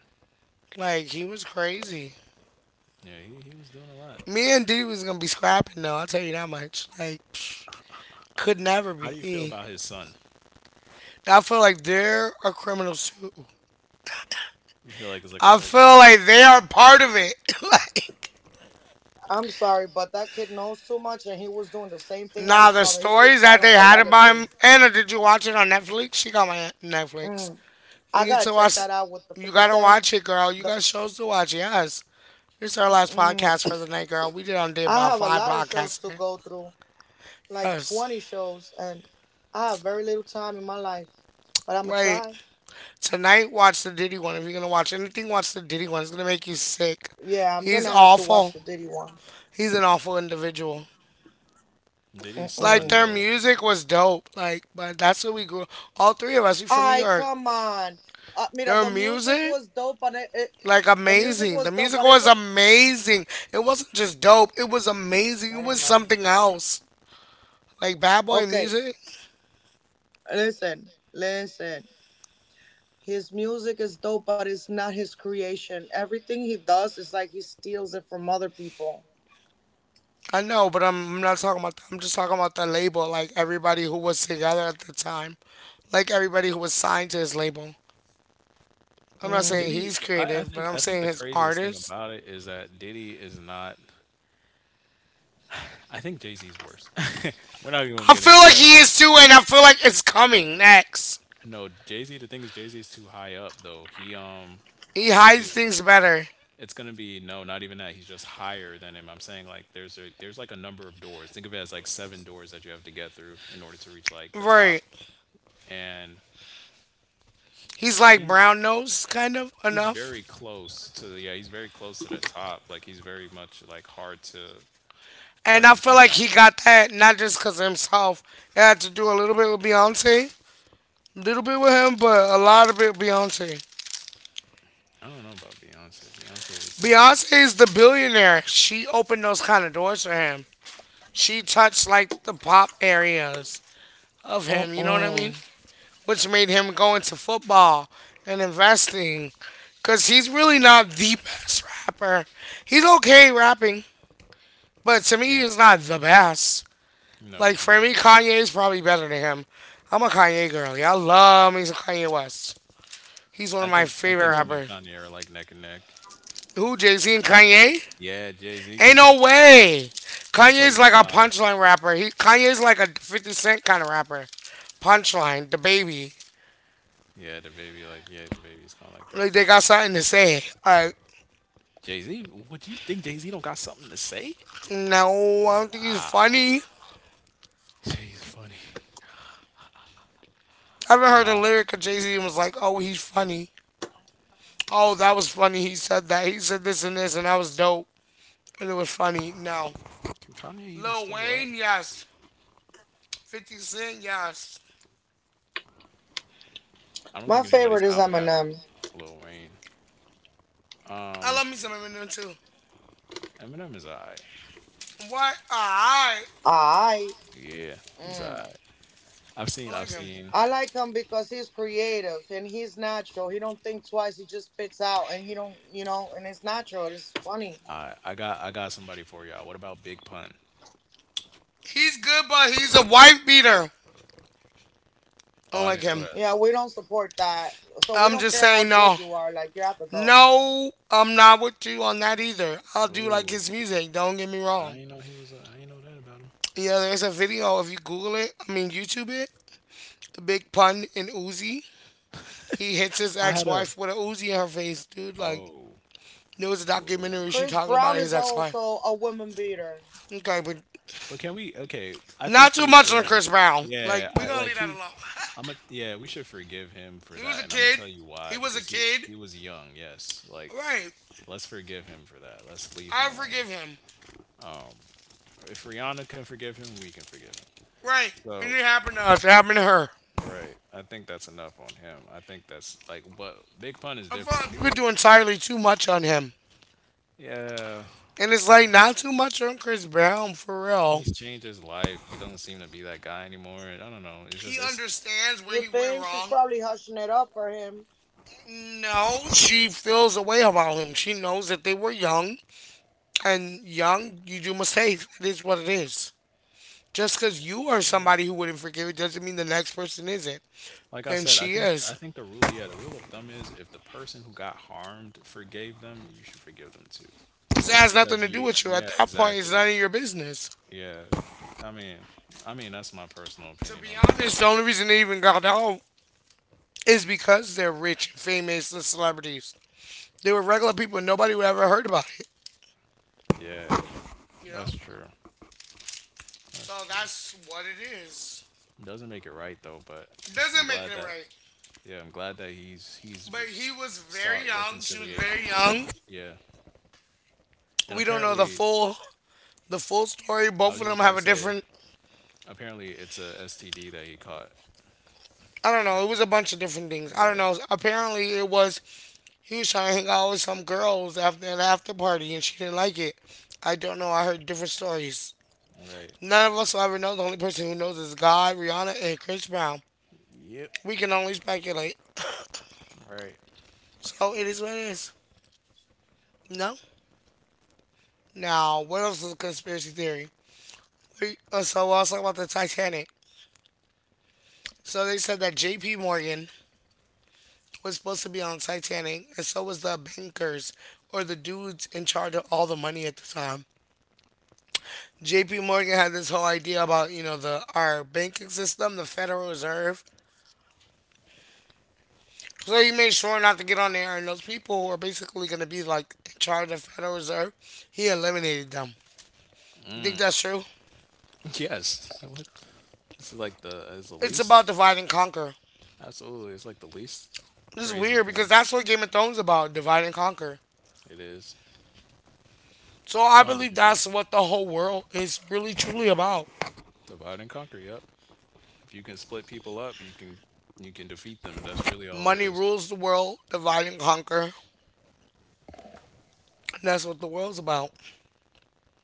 S1: Like, he was crazy.
S3: yeah. He was doing a lot.
S1: Me and Diddy was gonna be scrapping though. I'll tell you that much. Like, psh, could never
S3: How
S1: be
S3: do you feel
S1: me.
S3: about his son?
S1: I feel like they're a criminal too.
S3: You feel like it's like a
S1: I
S3: whole
S1: feel
S3: criminal.
S1: like they are part of it. Like,
S2: I'm sorry, but that kid knows too much, and he was doing the same thing as
S1: nah,
S2: his
S1: the
S2: father. He was
S1: stories that they
S2: following the
S1: had about
S2: legacy.
S1: him. Anna, did you watch it on Netflix? She got my Netflix.
S2: Mm,
S1: You
S2: I
S1: need
S2: gotta
S1: to
S2: check
S1: watch.
S2: that out with the
S1: You
S2: 50
S1: gotta
S2: Cent.
S1: watch it, girl. You
S2: The,
S1: got shows to watch. Yes. This is our last
S2: mm,
S1: podcast for the night, girl. We did on day
S2: I
S1: about
S2: have a
S1: five
S2: lot of shows
S1: podcasts.
S2: to go through, like
S1: Yes.
S2: 20 shows, and I have very little time in my life, but I'm gonna
S1: Right.
S2: try.
S1: Tonight, watch the Diddy one. If you're gonna watch anything, watch the Diddy one. It's gonna make you sick.
S2: Yeah, I'm
S1: He's
S2: gonna have to watch
S1: awful.
S2: the Diddy one.
S1: He's an awful individual.
S3: Diddy's
S1: Like
S3: son
S2: Mm.
S1: their
S3: though.
S1: music was dope. Like, but that's what we grew up. All three of us. We from New
S2: I
S1: York.
S2: come on. Mira,
S1: Their
S2: the music
S1: music,
S2: was dope, but it
S1: like
S2: the music
S1: amazing.
S2: was
S1: The
S2: dope,
S1: music
S2: but it
S1: was
S2: was.
S1: amazing. It wasn't just dope. It was amazing. It
S2: Never
S1: was
S2: mind.
S1: something else. Like bad boy
S2: Okay,
S1: music.
S2: listen, listen. His music is dope, but it's not his creation. Everything he does is like he steals it from other people.
S1: I know, but I'm not talking about that. I'm just talking about the label. Like everybody who was together at the time. Like everybody who was signed to his label. I'm not
S2: Mm.
S1: saying
S3: Diddy,
S1: he's
S3: I
S1: creative, but
S3: think
S1: I'm
S3: I think
S1: saying
S3: the
S1: his
S3: craziest thing
S1: artist.
S3: about it is that Diddy is not. I think Jay Z's worse. We're not even gonna
S1: I
S3: get
S1: feel
S3: into
S1: like
S3: that.
S1: he is too, and I feel like it's coming next.
S3: No, Jay Z. The thing is, Jay Z is too high up though. He
S1: He
S3: it's gonna
S1: hides
S3: be
S1: things better.
S3: it's gonna be no, not even that. He's just higher than him. I'm saying like there's a there's like a number of doors. Think of it as like seven doors that you have to get through in order to reach like the top.
S1: Right.
S3: And
S1: He's like
S3: he
S1: brown nose, kind of,
S3: he's very
S1: enough.
S3: close to the yeah he's very close to the top. Like he's very much like hard to
S1: And
S3: hard
S1: I
S3: to
S1: feel
S3: bring
S1: like
S3: down.
S1: he got that not just because of himself. It had to do a little bit with Beyonce, a little bit with him, but a lot of it with Beyonce.
S3: I don't know about Beyonce. Beyonce isn't interesting.
S1: Beyonce is the billionaire. She opened those kind of doors for him. She touched like the pop areas of him. You know what I mean?
S2: Mm-mm.
S1: Which made him go into football and investing because he's really not the best rapper. He's okay rapping, but to me,
S3: Yeah.
S1: he's not the best.
S3: No,
S1: Like,
S3: he's
S1: for me,
S3: not.
S1: Kanye is probably better than him. I'm a Kanye girl. Y'all love me some Kanye West. He's one of my
S3: I
S1: favorite
S3: think him
S2: Mm.
S3: and
S1: rappers.
S3: Kanye are like neck and neck.
S1: Who, Jay Z and Kanye?
S3: Yeah, Jay Z.
S1: Ain't
S3: Cause
S1: no way.
S3: I'm gonna tell
S1: Kanye's
S3: you
S1: like a
S3: why.
S1: punchline rapper. He Kanye's like a 50 Cent kind of rapper. Punchline, the baby.
S3: Yeah, the baby. Like, yeah, the baby's kind of like that
S1: Like they
S3: too.
S1: got something to say. All right,
S3: Jay Z. What you think? Jay Z don't got something to say?
S1: no, I don't think he's
S3: Wow.
S1: funny.
S3: Jay He's funny.
S1: I haven't heard a
S3: Nah.
S1: lyric of Jay Z and was like, oh, he's funny. Oh, that was funny. He said that. He said this and this, and that was dope. And it was funny. No.
S3: Can Kanye even
S1: Lil
S3: still rap?
S1: Wayne, yes. 50 Cent, yes.
S3: I don't
S2: My
S3: think anybody's
S2: favorite is
S3: out rapping
S2: Eminem.
S3: Lil Wayne.
S1: I
S3: Um,
S1: love me some Eminem too.
S3: Eminem is alright.
S1: What? Why?
S2: I
S3: Yeah, he's
S2: mm.
S3: alright. I've
S1: I
S3: seen. I've
S1: like him.
S3: seen.
S2: I like him because he's creative and he's natural. He don't think twice. He just spits out, and he don't, and it's natural. It's funny.
S3: I got somebody for y'all. What about Big Pun?
S1: He's good, but he's a wife beater. I
S3: Oh,
S1: don't
S3: I
S1: like
S3: didn't know
S1: him.
S3: that.
S2: Yeah, we don't support that. So we
S1: I'm
S2: don't
S1: just
S2: care how
S1: saying,
S2: good
S1: no.
S2: you are. Like, you have to go.
S1: No, I'm not with you on that either. I'll do like
S3: Oh,
S1: his music. Don't get me
S3: I
S1: wrong.
S3: didn't know he was. A, I didn't know that about him.
S1: Yeah, there's a video. If you Google it, I mean, YouTube it, the Big Pun in Uzi. He hits his
S3: I had a
S1: ex-wife with a Uzi in her face, dude. Like
S3: Oh,
S1: there was a
S3: whoa.
S1: documentary she
S2: Chris
S1: talking
S2: Brown
S1: about his
S2: is
S1: ex-wife.
S2: also a woman beater.
S1: Okay, but
S3: But can we? Okay, I
S1: not
S3: think
S1: too
S3: we
S1: much on
S3: should.
S1: Chris Brown. Like
S3: Yeah,
S1: we
S3: I
S1: gonna
S3: like
S1: leave that
S3: he.
S1: alone.
S3: I'm a yeah. We should forgive him for
S1: He was
S3: that,
S1: a
S3: and I'm gonna
S1: kid.
S3: tell you
S1: He
S3: why.
S1: was a
S3: Because he
S1: kid.
S3: he was young. Yes, like
S1: Right.
S3: let's forgive him for that. Let's leave him
S1: I forgive
S3: alone.
S1: him.
S3: If Rihanna can forgive him, we can forgive him.
S1: Right. It
S3: So
S1: didn't happen to us. It happened to her.
S3: right, I think that's enough on him. I think that's like. But Big Pun is
S1: I feel
S3: different. If he
S1: like we were
S3: was,
S1: doing entirely too much on him,
S3: yeah.
S1: and it's like not too much on Chris Brown for real.
S3: He's changed his life. He doesn't seem to be that guy anymore. And I don't know. It's just
S1: He
S3: it's
S1: understands where
S2: You
S1: he went
S2: think she's
S1: wrong.
S2: probably hushing it up for him.
S1: No, she feels a way about him. She knows that they were young, and young, you do mistakes. It is what it is. Just because you are somebody who wouldn't forgive it doesn't mean the next person isn't.
S3: like I
S1: And
S3: said,
S1: she
S3: I
S1: is.
S3: think the rule, yeah, the rule of thumb is if the person who got harmed forgave them, you should forgive them too.
S1: So it has nothing
S3: Because
S1: to do
S3: you
S1: with you. At
S3: yeah,
S1: that point, it's
S3: exactly.
S1: none of your business.
S3: Yeah. I mean I mean that's my personal
S1: To
S3: opinion
S1: be
S3: on it though.
S1: honest, the only reason they even got out is because they're rich and famous and celebrities. They were regular people and nobody would ever heard about it.
S3: Yeah,
S1: You know?
S3: that's true.
S1: So
S3: That's true.
S1: that's what it is.
S3: Doesn't make it right though, but I'm
S1: Doesn't make
S3: glad
S1: it
S3: that
S1: right.
S3: yeah, I'm glad that he's
S1: But he was very
S3: sought
S1: young. She was
S3: reconciliation.
S1: very young.
S3: Yeah. And
S1: We don't know
S3: apparently
S1: the full story.
S3: I
S1: Both
S3: was
S1: of
S3: just
S1: them
S3: about
S1: have
S3: to
S1: a
S3: say
S1: different.
S3: Apparently, it's a STD that he caught.
S1: I don't know. It was a bunch of different things. I don't
S3: Yeah,
S1: know. Apparently, it was he was trying to hang out with some girls after an after party, and she didn't like it. I don't know. I heard different stories.
S3: right.
S1: None of us will ever know. The only person who knows is God, Rihanna, and Chris Brown.
S3: Yep,
S1: We can only speculate.
S3: right.
S1: So it is what it is. No. Now, what else is a conspiracy theory? So we'll also talk about the Titanic. So they said that J.P. Morgan was supposed to be on Titanic, and so was the bankers or the dudes in charge of all the money at the time. JP Morgan had this whole idea about, you know, the our banking system, the Federal Reserve. So he made sure not to get on there and those people who are basically gonna be like in charge of the Federal Reserve, he eliminated them. You think that's true?
S3: Yes. What? This is like the is the
S1: It's
S3: least.
S1: about divide and conquer.
S3: Absolutely, it's like the least
S1: This is
S3: crazy
S1: weird
S3: thing.
S1: because that's what Game of Thrones is about, divide and conquer.
S3: It is.
S1: So
S3: A
S1: I
S3: hundred
S1: believe
S3: percent.
S1: that's what the whole world is really truly about.
S3: Divide and conquer. Yep. If you can split people up, you can defeat them. That's really all it
S1: Money
S3: is.
S1: rules the world, divide and conquer. That's what the world's about.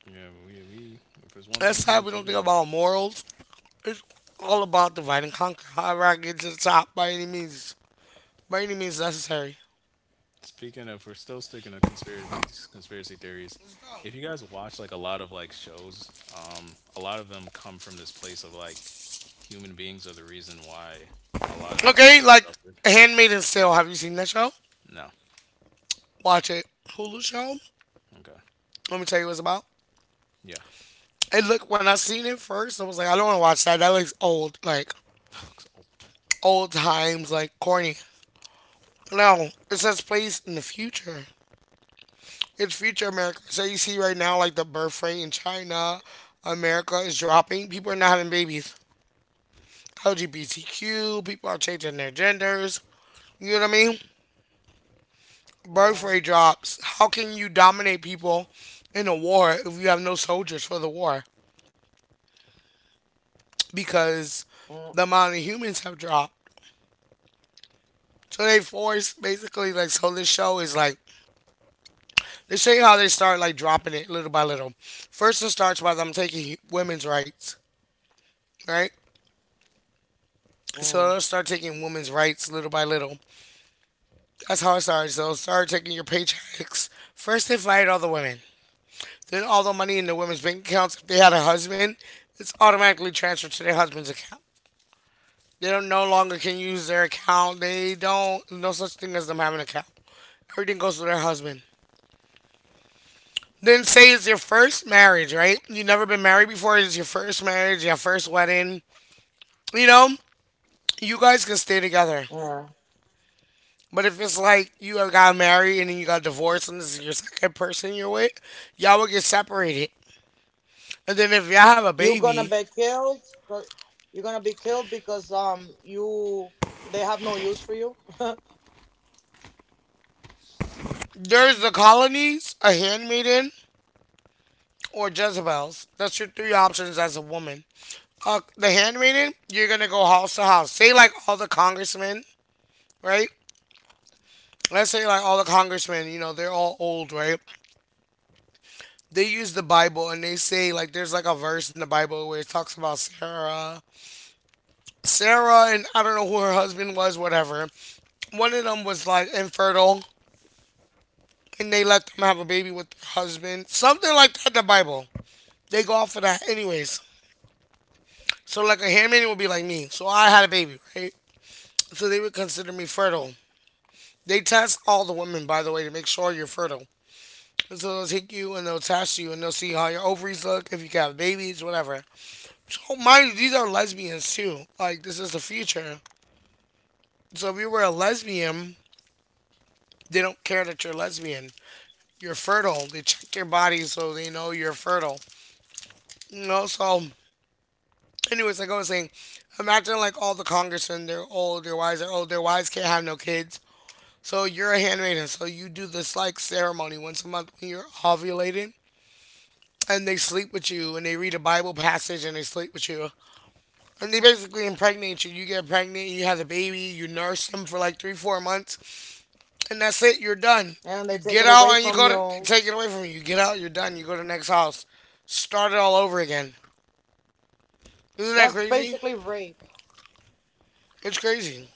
S3: Yeah, we if there's one thing
S1: That's how
S3: humans
S1: we
S3: are
S1: don't
S3: good
S1: think
S3: at.
S1: about morals. It's all about divide and conquer. However, I get to the top by any means necessary.
S3: Speaking of, we're still sticking to conspiracies, conspiracy theories.
S1: Let's go.
S3: If you guys watch like a lot of like shows, a lot of them come from this place of like human beings are the reason why a lot of
S1: Okay,
S3: creatures
S1: like
S3: suffered.
S1: Handmaid's Tale. Have you seen that show?
S3: No,
S1: Watch it. Hulu show.
S3: okay,
S1: Let me tell you what it's about.
S3: yeah,
S1: And look, when I seen it first, I was like, I don't want to watch that. That looks old, like
S3: that looks old.
S1: old times, like corny. No, it says place in the future. It's future America. So you see right now, like the birth rate in China, America is dropping. People are not having babies. LGBTQ, people are changing their genders. You know what I mean? Birth
S2: Yeah.
S1: rate drops. How can you dominate people in a war if you have no soldiers for the war? Because the amount of humans have dropped. So they force basically, like, so this show is like they show you how they start like dropping it little by little. First it starts by them taking women's rights, right? So
S2: Mm-mm.
S1: they'll start taking women's rights little by little. That's how it started. So start taking your paychecks. First, they fired all the women. Then all the money in the women's bank accounts, if they had a husband, it's automatically transferred to their husband's account. They don't no longer can use their account. They don't no such thing as them having an account. Everything goes to their husband. Then say it's your first marriage, right? You've never been married before. It's your first marriage, your first wedding. You know, you guys can stay together.
S2: Yeah.
S1: But if it's like you have got married and then you got divorced and this is your second person you're with, y'all will get separated. And then if y'all have a
S2: You're gonna
S1: baby,
S2: be killed. You're gonna be killed because you they have no use for you,
S1: there's the colonies, a handmaiden, or Jezebels. That's your three options as a woman. The handmaiden, you're gonna go house to house. Say like all the congressmen, right? Let's say like all the congressmen, you know, they're all old, right? They use the Bible and they say like there's like a verse in the Bible where it talks about Sarah and I don't know who her husband was, whatever. One of them was like infertile and they let them have a baby with their husband. Something like that in the Bible. They go off of that anyways. So like a handmaiden would be like me. So I had a baby, right? So they would consider me fertile. They test all the women, by the way, to make sure you're fertile. And so they'll take you and they'll test you and they'll see how your ovaries look, if you can have babies, whatever. So mind you, these are lesbians too. Like this is the future. So if you were a lesbian, they don't care that you're lesbian. You're fertile. They check your body so they know you're fertile. You know, so anyways, like I was saying, imagine like all the congressmen, they're old, their wives are old, their wives can't have no kids. So you're a handmaiden, so you do this like ceremony once a month when you're ovulating and they sleep with you and they read a Bible passage and they sleep with you. And they basically impregnate you. You get pregnant, you have the baby, you nurse them for like three, 4 months, and that's it, you're done.
S2: and they
S1: You
S2: take
S1: get
S2: it away
S1: out and you
S2: from
S1: go to they
S2: you.
S1: take it away from you. You get out, you're done, you go to the next house. Start it all over again. Isn't that
S2: That's
S1: crazy?
S2: basically rape.
S1: It's crazy.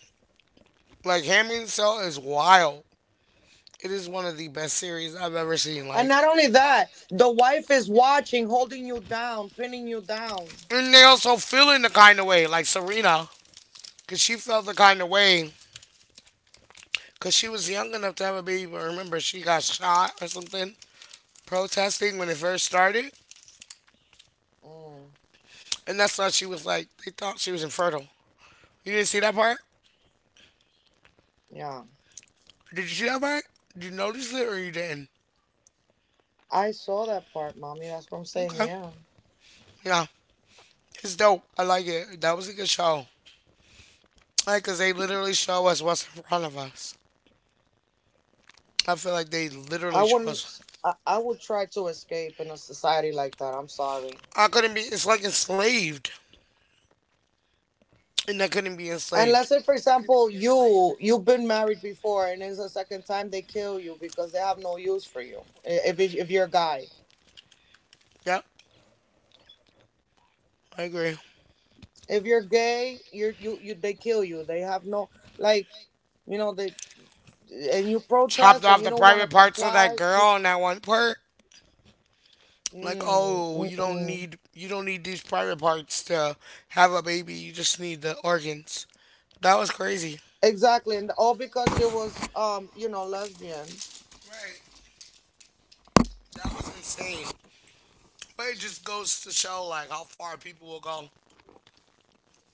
S1: Like Handmaid's Cell is wild. It is one of the best series I've ever seen.
S2: And
S1: Like,
S2: not only that, the wife is watching, holding you down, pinning you down.
S1: and they also feel in the kind of way, like Serena, because she felt the kind of way, because she was young enough to have a baby. But remember, she got shot or something protesting when it first started,
S2: Mm,
S1: and that's why she was like, they thought she was infertile. You didn't see that part?
S2: yeah.
S1: Did you see that part? Did you notice it or you didn't?
S2: I saw that part, mommy. That's what I'm saying.
S1: Okay,
S2: Yeah.
S1: yeah, it's dope. I like it. That was a good show. Like, cause they literally show us what's in front of us. I feel like they
S2: I
S1: literally show us
S2: wouldn't. I would try to escape in a society like that. I'm sorry.
S1: I couldn't be. It's like enslaved, and I couldn't be
S2: And let's
S1: enslaved.
S2: say, for example, you've been married before, and it's the second time they kill you because they have no use for you. If you're a guy,
S1: Yep, I agree.
S2: if you're gay, you're you you they kill you. They have no, like, they, and you
S1: Chopped
S2: protest and
S1: off
S2: you
S1: the
S2: don't want to
S1: private parts of that
S2: comply. You
S1: girl and that one part. Like, oh, you don't
S2: mm-mm.
S1: need you don't need these private parts to have a baby. You just need the organs. That was crazy.
S2: Exactly, and all because she was lesbian.
S1: Right, that was insane. But it just goes to show like how far people will go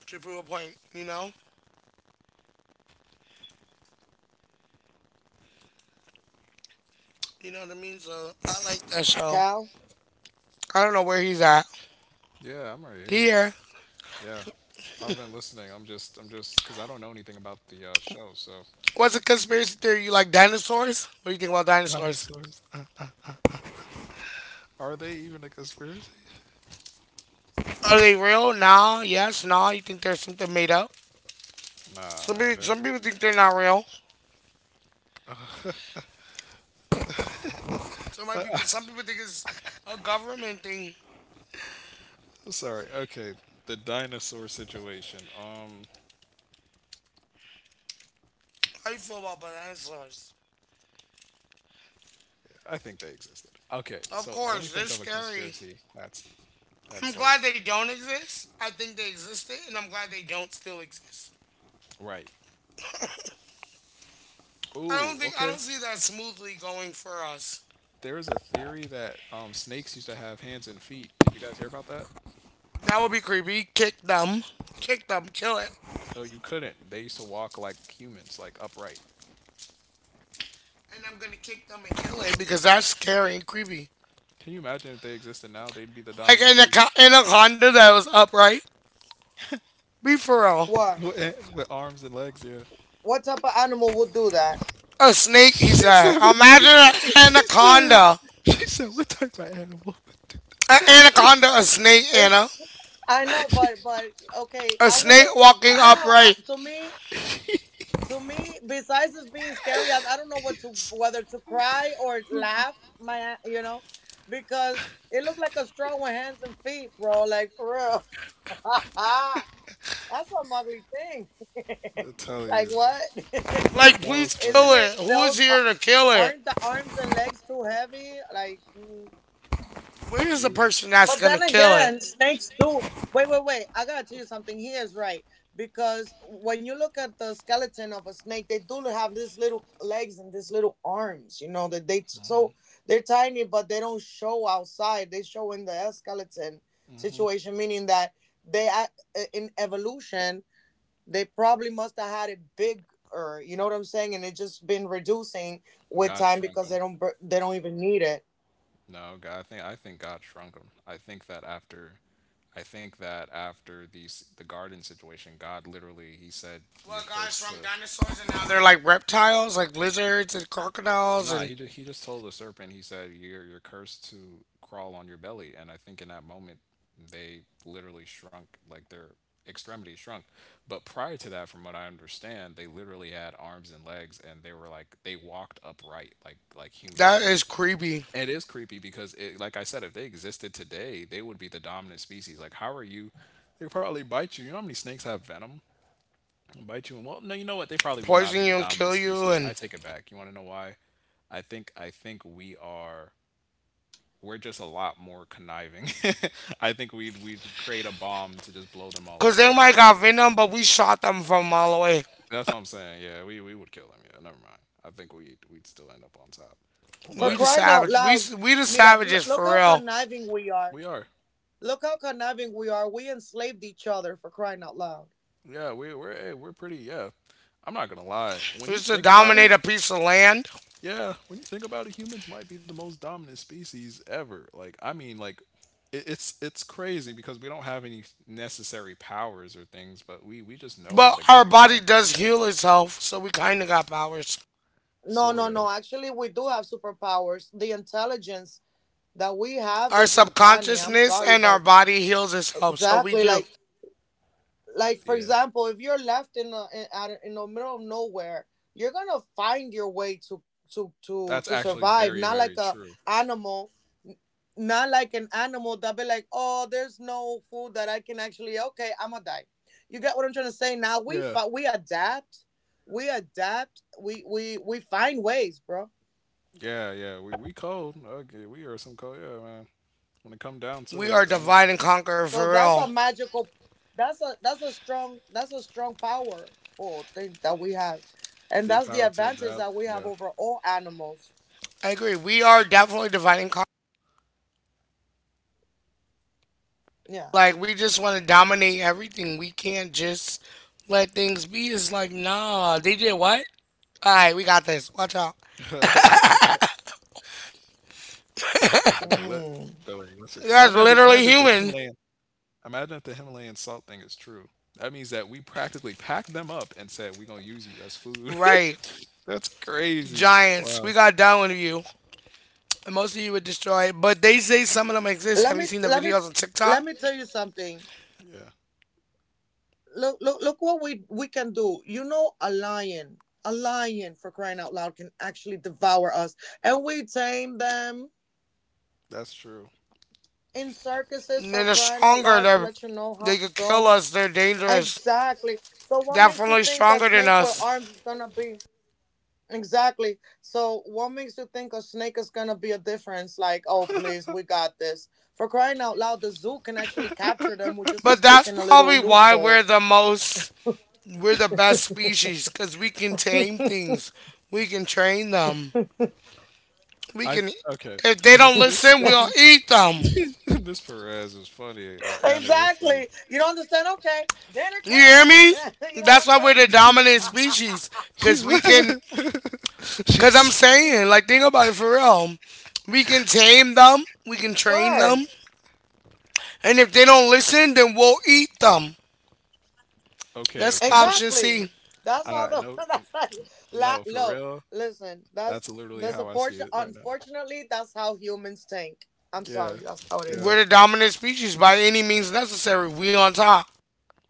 S1: to prove a point. You know what I mean. So I like that show.
S2: Cal,
S1: I don't know where he's at.
S3: Yeah, I'm right here.
S1: Here,
S3: Yeah, I've been listening. Because I don't know anything about the show. So,
S1: what's a conspiracy theory? You like dinosaurs? What do you think about dinosaurs?
S3: dinosaurs. Are they even a conspiracy?
S1: Are they real? Nah. Yes. Nah. You think there's something made up?
S3: Nah,
S1: Some
S3: nah,
S1: people,
S3: they're
S1: some people think they're not real. Some people think it's a government thing.
S3: sorry. Okay, the dinosaur situation. Yes, I think dinosaurs existed.
S1: How you feel about dinosaurs?
S3: Yeah, yeah, I think they existed. Okay, so let me think of a
S1: Of course,
S3: conspiracy
S1: they're
S3: that's
S1: scary.
S3: that's
S1: I'm
S3: like
S1: glad they don't exist. I think they existed, and I'm glad they don't still exist.
S3: right.
S1: I
S3: Ooh,
S1: don't think I
S3: okay.
S1: don't see that smoothly going for us.
S3: There is a theory that snakes used to have hands and feet. Did you guys hear about that?
S1: That would be creepy. Kick them, kill it,
S3: Oh, you couldn't. They used to walk like humans, like upright.
S1: and I'm gonna kick them and kill it because that's scary and creepy.
S3: Can you imagine if they existed now? They'd be the
S1: Like
S3: dominant
S1: an
S3: species
S1: anaconda that was upright. Be for real.
S2: what
S3: with, eh, with arms and legs. Yeah.
S2: what type of animal would do that?
S1: A snake,
S3: She
S1: he said.
S3: said, what type,
S1: Imagine an
S3: she said,
S1: anaconda.
S3: she said, what type of animal would
S1: An anaconda, a snake,
S2: It's
S1: Anna.
S2: I know, but okay,
S1: A
S2: I would
S1: snake
S2: look.
S1: walking
S2: You know, I,
S1: upright.
S2: to me. To me, besides this being scary, I don't know what to whether to cry or laugh. Because it looked like a straw with hands and feet, bro. Like, for real, that's some ugly thing.
S3: do I tell
S2: Like,
S3: you,
S2: what?
S1: Like,
S3: that
S1: please
S3: was funny.
S1: kill
S2: Isn't
S1: it.
S2: it
S1: Who
S2: those
S1: is here to kill it?
S2: aren't the arms and legs too heavy?
S1: Where is the
S3: You.
S1: person that's
S2: But
S1: gonna
S2: then
S1: kill it?
S2: again, snakes do. Wait, wait, wait. I gotta tell you something. He is right, because when you look at the skeleton of a snake, they do have these little legs and these little arms. You know that they, so they're tiny, but they don't show outside. They show in the skeleton situation, meaning that they act- in evolution they probably must have had it bigger. You know what I'm saying? And it just been reducing with
S3: God
S2: time
S3: shrunk
S2: because
S3: him.
S2: they don't even need it.
S3: No, God, I think God shrunk him. I think that after the garden situation, God literally he said
S1: Well,
S3: you're
S1: guys
S3: cursed
S1: from
S3: to.
S1: dinosaurs and now they're like reptiles, like lizards and crocodiles,
S3: Nah,
S1: and
S3: he just told the serpent. He said you're cursed to crawl on your belly, and I think in that moment they literally shrunk, like their extremities shrunk. But prior to that, from what I understand, they literally had arms and legs, and they were like they walked upright like
S1: that
S3: humans.
S1: is creepy.
S3: It is creepy because, it, like I said, if they existed today, they would be the dominant species. Like, how are you? They probably bite you. You know how many snakes have venom? They'll bite you. And well, no, you know what? They probably would not
S1: Poison
S3: be the
S1: you and
S3: dominant
S1: kill you,
S3: species. I
S1: and
S3: take it back. You want to know why? I think we are. We're just a lot more conniving. I think we'd create a bomb to just blow them all
S1: cause
S3: up.
S1: they might got venom, but we shot them from a mile away.
S3: That's what I'm saying. Yeah, we would kill them. Yeah, never mind. I think we'd still end up on top,
S2: For
S1: We
S3: but
S1: the
S2: crying out
S1: savage. We
S2: loud,
S1: we the
S2: mira,
S1: savages
S2: look
S1: for
S2: how
S1: real.
S2: conniving we are.
S3: we are.
S2: Look how conniving we are. We enslaved each other, for crying out loud.
S3: Yeah, we're hey, we're pretty. Yeah, I'm not gonna lie. When
S1: We
S3: you
S1: used to
S3: think about it,
S1: dominate a piece of land.
S3: yeah, when you think about it, humans might be the most dominant species ever. Like, I mean, like, it's crazy because we don't have any necessary powers or things, but we just know how to
S1: But
S3: get
S1: our
S3: around,
S1: body does heal itself, so we kind of got powers.
S2: No,
S3: sort
S2: no,
S3: of.
S2: no. Actually, we do have superpowers. The intelligence that we have
S1: Our
S2: is uncanny. I'm
S1: subconsciousness
S2: sorry,
S1: and our
S2: but
S1: body heals itself, so we
S2: exactly
S1: do.
S2: for
S3: Yeah,
S2: example, if you're left in in the middle of nowhere, you're gonna find your way to
S3: that's
S2: to
S3: actually
S2: to
S3: very
S2: to
S3: very
S2: survive.
S3: true.
S2: Not like a animal not like an animal that be like, oh, there's no food that I can actually. Okay, I'ma die. You get what I'm trying to say? Now
S3: Yeah,
S2: we adapt, we find ways, bro.
S3: yeah, yeah. We cold. Okay, we are some cold. Yeah, man. When it come down to
S1: We
S3: it,
S1: are
S3: I'm gonna
S1: divide and conquer
S2: So
S1: for real.
S2: that's a strong powerful thing that we have, and
S3: the
S2: that's the
S3: power to
S2: advantage
S3: adapt.
S2: that we
S3: Yeah.
S2: have over all animals.
S1: I agree. We are definitely divide and conquer.
S2: Yeah.
S1: Like, we just want to dominate everything. We can't just let things be. It's like, nah, they did what? All right, we got this. Watch out.
S3: So did they what? Don't worry. What's it-
S2: Mm.
S3: Imagine if the
S1: That's literally
S3: Himalayan,
S1: human.
S3: imagine if the Himalayan salt thing is true. That means that we practically packed them up and said we're gonna use you as food.
S1: Right.
S3: That's crazy.
S1: Giants.
S3: Wow.
S1: We got down with you. And most of you were destroyed. But they say some of them exist.
S2: Let
S1: Have you
S2: me
S1: seen the
S2: let me
S1: videos on
S2: let
S1: TikTok?
S2: me tell you something.
S3: Yeah,
S2: Look what we can do, you know, a lion, for crying out loud, can actually devour us, and we tame them
S3: that's true.
S2: in circuses for
S1: They're the
S2: crying out
S1: stronger.
S2: loud, to
S1: They're,
S2: let you know how
S1: they could kill
S2: strong.
S1: us. They're dangerous.
S2: Exactly, so what makes you
S1: Definitely
S2: think a
S1: stronger than
S2: snake with
S1: us.
S2: arms is gonna be exactly so what makes you think a snake is gonna be a difference, like, oh please, we got this, for crying out loud, the zoo can actually capture them with just a
S1: But
S2: stick
S1: that's
S2: in a little
S1: probably why we're
S2: loophole.
S1: the most, we're the best species because we can tame things. We can train them. We
S3: I
S1: can,
S3: Okay.
S1: if they
S3: If
S1: don't
S3: we're
S1: listen, we'll
S3: sticking,
S1: eat them.
S3: Miss Perez is funny. Anna, you're
S2: Exactly.
S3: funny.
S2: You don't understand? Okay, dinner
S1: You hear me?
S2: time. You know what
S1: That's why
S2: I'm
S1: we're
S2: saying?
S1: the dominant species because
S3: She's
S1: we can, because I'm
S3: she's
S1: saying, like, think about it for real. We can tame them. We can train them.
S2: Word.
S1: And if they don't listen, then we'll eat them.
S3: okay.
S1: That's
S3: Okay.
S1: option C.
S2: Exactly. That's how the.
S3: No,
S2: That's how.
S3: no, for
S2: Look,
S3: real.
S2: listen. That's
S3: That's literally
S2: that's
S3: how I see
S2: unfortunate.
S3: it right now.
S2: Unfortunately, that's how humans think. I'm
S3: Yeah,
S2: sorry. That's how it is.
S3: yeah.
S1: We're the dominant species by any means necessary. We on top.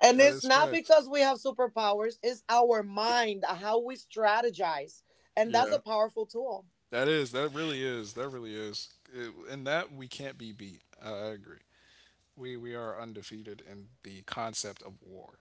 S2: And
S3: That
S2: it's
S3: is
S2: not
S3: facts.
S2: because we have superpowers. It's our mind, how we strategize, and that's a
S3: Yeah,
S2: powerful tool.
S3: that is. That really is. That really is. It, and that we can't be beat. I agree. We are undefeated in the concept of war.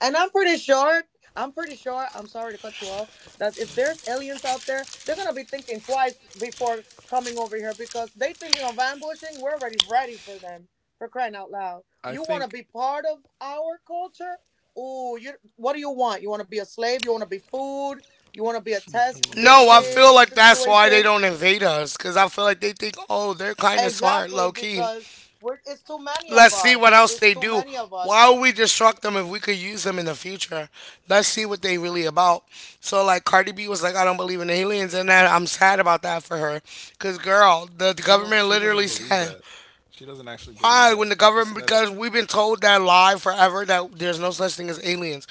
S2: And I'm pretty sure, I'm sorry to cut you off, that if
S3: Therefore,
S2: there's aliens out there, they're going to be thinking twice before coming over here because they thinking of ambushing. We're already ready for them, for crying out loud.
S3: I
S2: You want to
S3: think
S2: be part of our culture? Ooh, what do you want? You want to be a slave? You want to be food? You want to be a
S3: she don't
S2: test
S3: want to be a
S2: guinea
S1: No, I
S3: slave.
S1: feel
S2: pig
S1: like that's why they
S2: situation?
S1: don't invade us. Cause I feel like they think, oh, they're kind of smart,
S2: Exactly,
S1: low key.
S2: because it's too many of
S1: Let's see what
S2: us.
S1: else
S2: It's
S1: they
S2: too
S1: do.
S2: many of us.
S1: Why would we destruct them if we could use them in the future? Let's see what they really about. So like Cardi B was like, I don't believe in aliens, and that I'm sad about that for her. Cause girl, the
S3: She don't.
S1: government
S3: She doesn't
S1: literally
S3: believe
S1: said
S3: that. She doesn't actually believe
S1: all right,
S3: that.
S1: when the
S3: She just
S1: government,
S3: said it.
S1: because we've been told that lie forever that there's no such thing as aliens.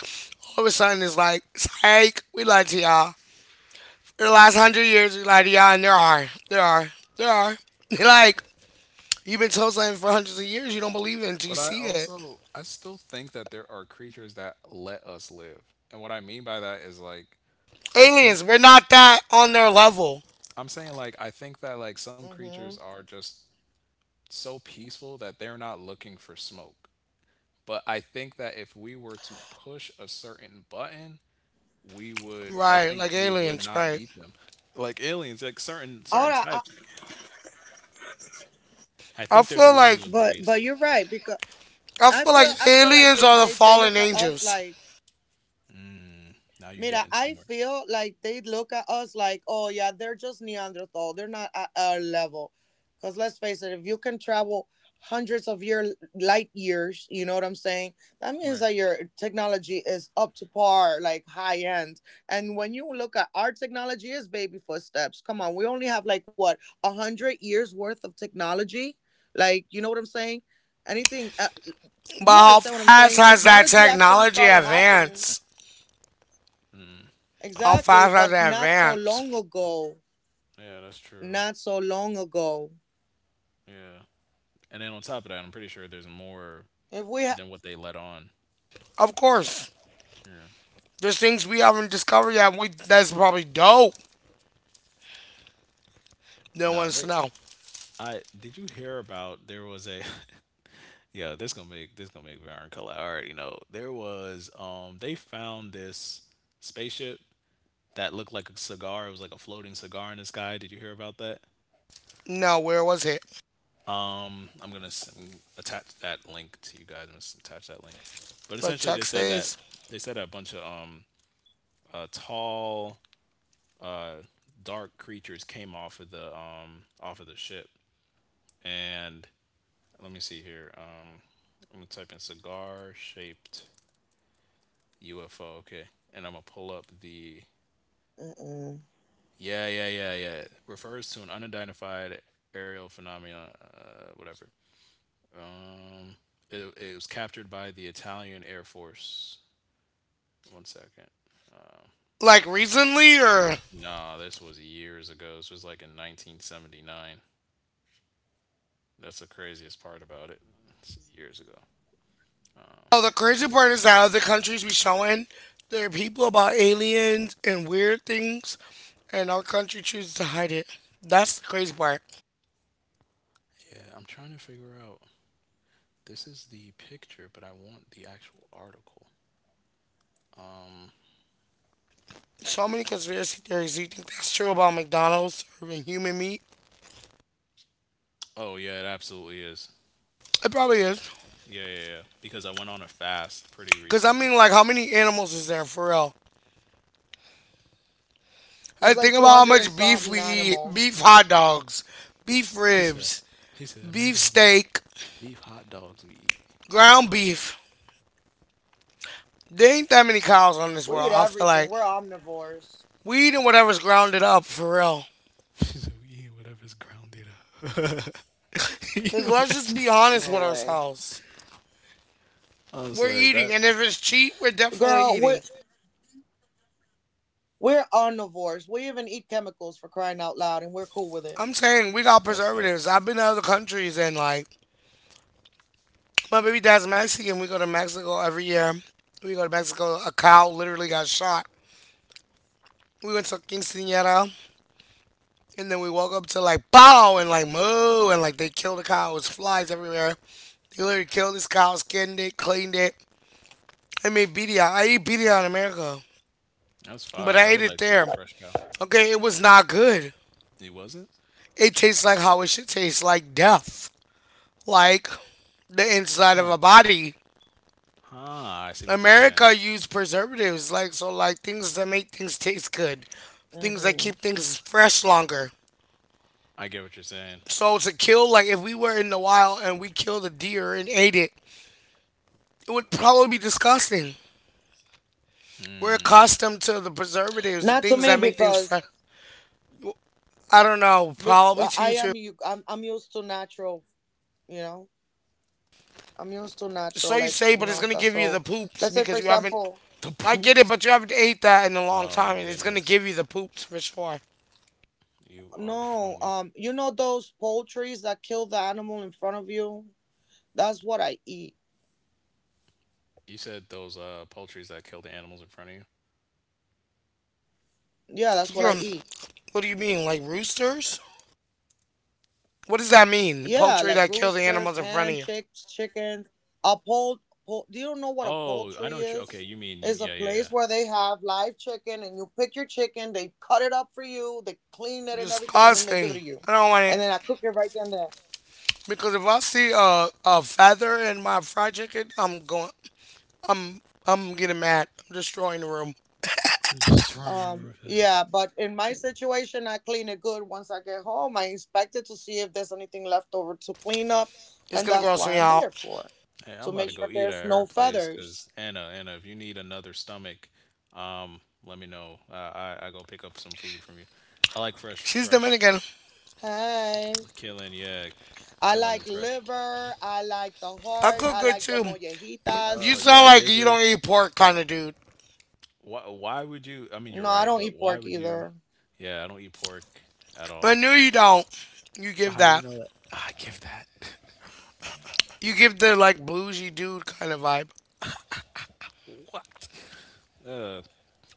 S1: All of a sudden, it's like, psych, we lied to y'all. For the last 100 years, we lied to y'all, and there are. like, you've been told something for hundreds of years, you don't believe it until you
S3: But I
S1: see it.
S3: also I still think that there are creatures that let us live. And what I mean by that is like I think
S1: Aliens, we're not that on their level.
S3: I'm saying like I think that like some creatures
S2: Mm-hmm.
S3: are just so peaceful that they're not looking for smoke. But I think that if we were to push a certain button, we would I
S1: Right,
S3: think
S1: like
S3: we would
S1: aliens,
S3: not
S1: right.
S3: beat them. Like aliens, like certain
S2: All
S3: certain
S2: right,
S3: types. I
S1: I
S3: think there's
S1: feel
S3: a
S1: like,
S3: level of
S2: but
S3: grace.
S2: you're right because
S1: I
S2: I
S1: feel like
S2: feel
S3: Yeah.
S2: I feel like
S1: aliens
S2: they
S1: are the
S2: they they
S1: fallen
S2: look at us
S1: angels.
S2: like
S3: Mm, now you're
S2: mira,
S3: getting
S2: I
S3: somewhere.
S2: feel like they look at us like, oh yeah, they're just Neanderthal, they're not at our level, because let's face it, if you can travel hundreds of year light years, you know what I'm saying, that means
S3: Right.
S2: that your technology is up to par, like high end. And when you look at our technology, is baby footsteps, come on. We only have like, what, 100 years worth of technology, like, you know what I'm saying. Anything do
S1: But
S2: you
S1: how
S2: understand what I'm
S1: fast
S2: saying?
S1: has that
S2: Technology actually
S1: technology
S2: started happening.
S1: advanced?
S3: Mm, that's
S1: How
S3: a good.
S2: Exactly,
S1: fast has
S2: but
S1: it
S2: not so long
S1: advanced?
S2: ago.
S3: Yeah, that's true.
S2: Not so long ago.
S3: Yeah. And then on top of that, I'm pretty sure there's more
S2: If we ha-
S3: than what they let on.
S1: Of course,
S3: Yeah.
S1: there's things we haven't discovered yet. We that's probably dope. No one
S3: No,
S1: wants to
S3: they.
S1: know.
S3: I did you hear about there was a Yeah, this gonna make Baron color. I already know. There was they found this spaceship that looked like a cigar. It was like a floating cigar in the sky. Did you hear about that?
S1: No, where was it?
S3: I'm gonna s- m- attach that link to you guys. I'm gonna s- attach that link. But
S1: Like
S3: essentially, they said that
S1: Texas?
S3: they said that a bunch of tall uh dark creatures came off of the ship. And let me see here. I'm gonna type in cigar shaped UFO. Okay, and I'm gonna pull up the.
S2: Mm-mm.
S3: Yeah, yeah, yeah, yeah. Refers to an unidentified aerial phenomenon, whatever. Um, it was captured by the Italian Air Force. One second.
S1: Like recently or?
S3: Nah, this was years ago. This was like in 1979. That's the craziest part about it. It's years ago.
S1: Oh, the crazy part is that other countries we showing there are people about aliens and weird things, and our country chooses to hide it. That's the crazy part.
S3: Yeah, I'm trying to figure out. This is the picture, but I want the actual article. Um.
S1: So many conspiracy theories. Do you think that's true about McDonald's serving human meat?
S3: Oh yeah, it absolutely is.
S1: It probably is.
S3: Yeah, yeah, yeah. Because I went on a fast pretty
S1: Cause I mean,
S3: recently.
S1: like, how many animals is there for real? I
S2: There's
S1: think
S2: like
S1: about how
S2: 200 and
S1: much beef we
S2: something
S1: eat,
S2: animals.
S1: beef hot dogs, beef
S3: He said,
S1: ribs,
S3: he said,
S1: beef
S3: imagine how many
S1: steak,
S3: beef hot dogs we eat.
S1: ground beef. There ain't that many cows on this
S2: We
S1: world.
S2: eat
S1: I feel
S2: everything. We're
S1: like
S2: omnivores.
S1: we eating whatever's grounded up for real.
S3: She said, we eat whatever's grounded up. Can you
S1: Like, let's just
S3: imagine?
S1: be honest
S2: No
S1: with
S2: way.
S1: ourselves.
S3: Oh,
S1: We're
S3: sorry.
S1: eating, and if it's cheap, we're definitely
S2: Girl,
S1: eating.
S2: we're omnivores. We even eat chemicals for crying out loud and we're cool with it.
S1: I'm saying we got
S3: That's
S1: preservatives.
S3: facts.
S1: I've been to other countries, and like, my baby dad's Mexican. We go to Mexico every year. We go to Mexico. A cow literally got shot. We went to Quinceañera. And then we walk up to like bow and like moo and like they killed the cow. It was flies everywhere. They literally killed this cow, skinned it, cleaned it. I made birria. I eat birria in America,
S3: That's
S1: but
S3: fire.
S1: I
S3: I
S1: ate
S3: would
S1: it
S3: like to eat
S1: there.
S3: fresh cow.
S1: Okay, it was not good.
S3: It wasn't?
S1: It tastes like how it should taste, like death, like the inside of
S3: Huh.
S1: a body.
S3: Huh. I see what you're saying.
S1: America used preservatives, like so, like things that make things taste good, things that
S2: Hmm.
S1: keep things fresh longer.
S3: I get what you're saying.
S1: So to kill, like if we were in the wild and we killed a deer and ate it, it would probably be disgusting. We're accustomed to the preservatives, the
S2: Not to
S1: things
S2: me
S1: that make things
S2: because
S1: fresh. I don't know,
S2: but
S1: probably to
S2: I
S1: you too.
S2: am you I'm used to natural, you know. I'm used to
S1: So
S2: natural,
S1: you
S2: like,
S1: say,
S2: you
S1: but it's
S2: know,
S1: gonna
S2: that's
S1: give you the
S2: all.
S1: poops
S2: Let's say for
S1: because you haven't.
S2: example,
S3: The
S1: I get it,
S3: poops.
S1: but you haven't ate that in a long
S3: Oh my
S1: time, and it's gonna
S3: goodness.
S1: give you the poops for sure.
S3: You are
S2: no,
S3: funny.
S2: you know those poultries that kill the animal in front of you? That's what I eat.
S3: You said those poultries that kill the animals in front of you?
S2: Yeah, that's what
S1: You're,
S2: I eat.
S1: what do you mean, like roosters? What does that mean?
S2: Yeah,
S1: Poultry
S2: like
S1: that kill the
S3: All right.
S2: roosters,
S1: animals in front of
S2: hen,
S1: you.
S2: chicks, chickens. A pol, pol do you know what a
S3: Oh, I know
S2: poultry
S3: what you okay,
S2: is?
S3: you mean you
S2: It's a
S3: yeah, yeah, yeah.
S2: place where they have live chicken and you pick your chicken, they cut it up for you, they clean it and everything, and then they give it
S1: Disgusting.
S2: to you.
S1: I don't want it
S2: And then I cook it right then and there.
S1: because if I see a feather in my fried chicken, I'm going. I'm I'm getting mad. I'm destroying the room.
S3: Destroying the roof.
S2: Yeah, but in my situation, I clean it good. Once I get home, I inspect it to see if there's anything left over to clean up,
S1: It's
S2: and
S1: gonna
S2: that's
S1: gross
S2: why
S1: me
S2: I'm
S1: out.
S2: there for,
S3: Hey,
S2: to
S3: I'm about
S2: make
S3: to
S2: sure
S3: go eat
S2: there's
S3: at her
S2: no
S3: place because
S2: feathers.
S3: Anna, Anna, if you need another stomach, let me know. I go pick up some food from you. I like fresh,
S1: She's
S3: fresh
S1: Dominican.
S2: Hey,
S3: killing. Yeah,
S2: I
S3: killing
S2: like
S3: and fresh.
S2: liver. I like the
S1: I
S2: heart.
S1: cook
S2: I
S1: good
S2: like the
S1: too. You,
S2: mollejitas.
S1: you
S3: You
S1: sound
S3: like
S1: like you
S3: gizzard?
S1: don't eat pork kind of dude.
S3: Why? Why would you? I mean,
S2: No,
S3: you're
S2: I
S3: right,
S2: don't
S3: but
S2: eat
S3: why
S2: pork
S3: would you?
S2: either.
S3: Yeah, I don't eat pork at
S1: I
S3: all.
S1: knew you don't. You
S3: But
S1: give
S3: how do you
S1: that.
S3: know that? I give that.
S1: You give the like bougie dude kind of vibe.
S3: What? Uh,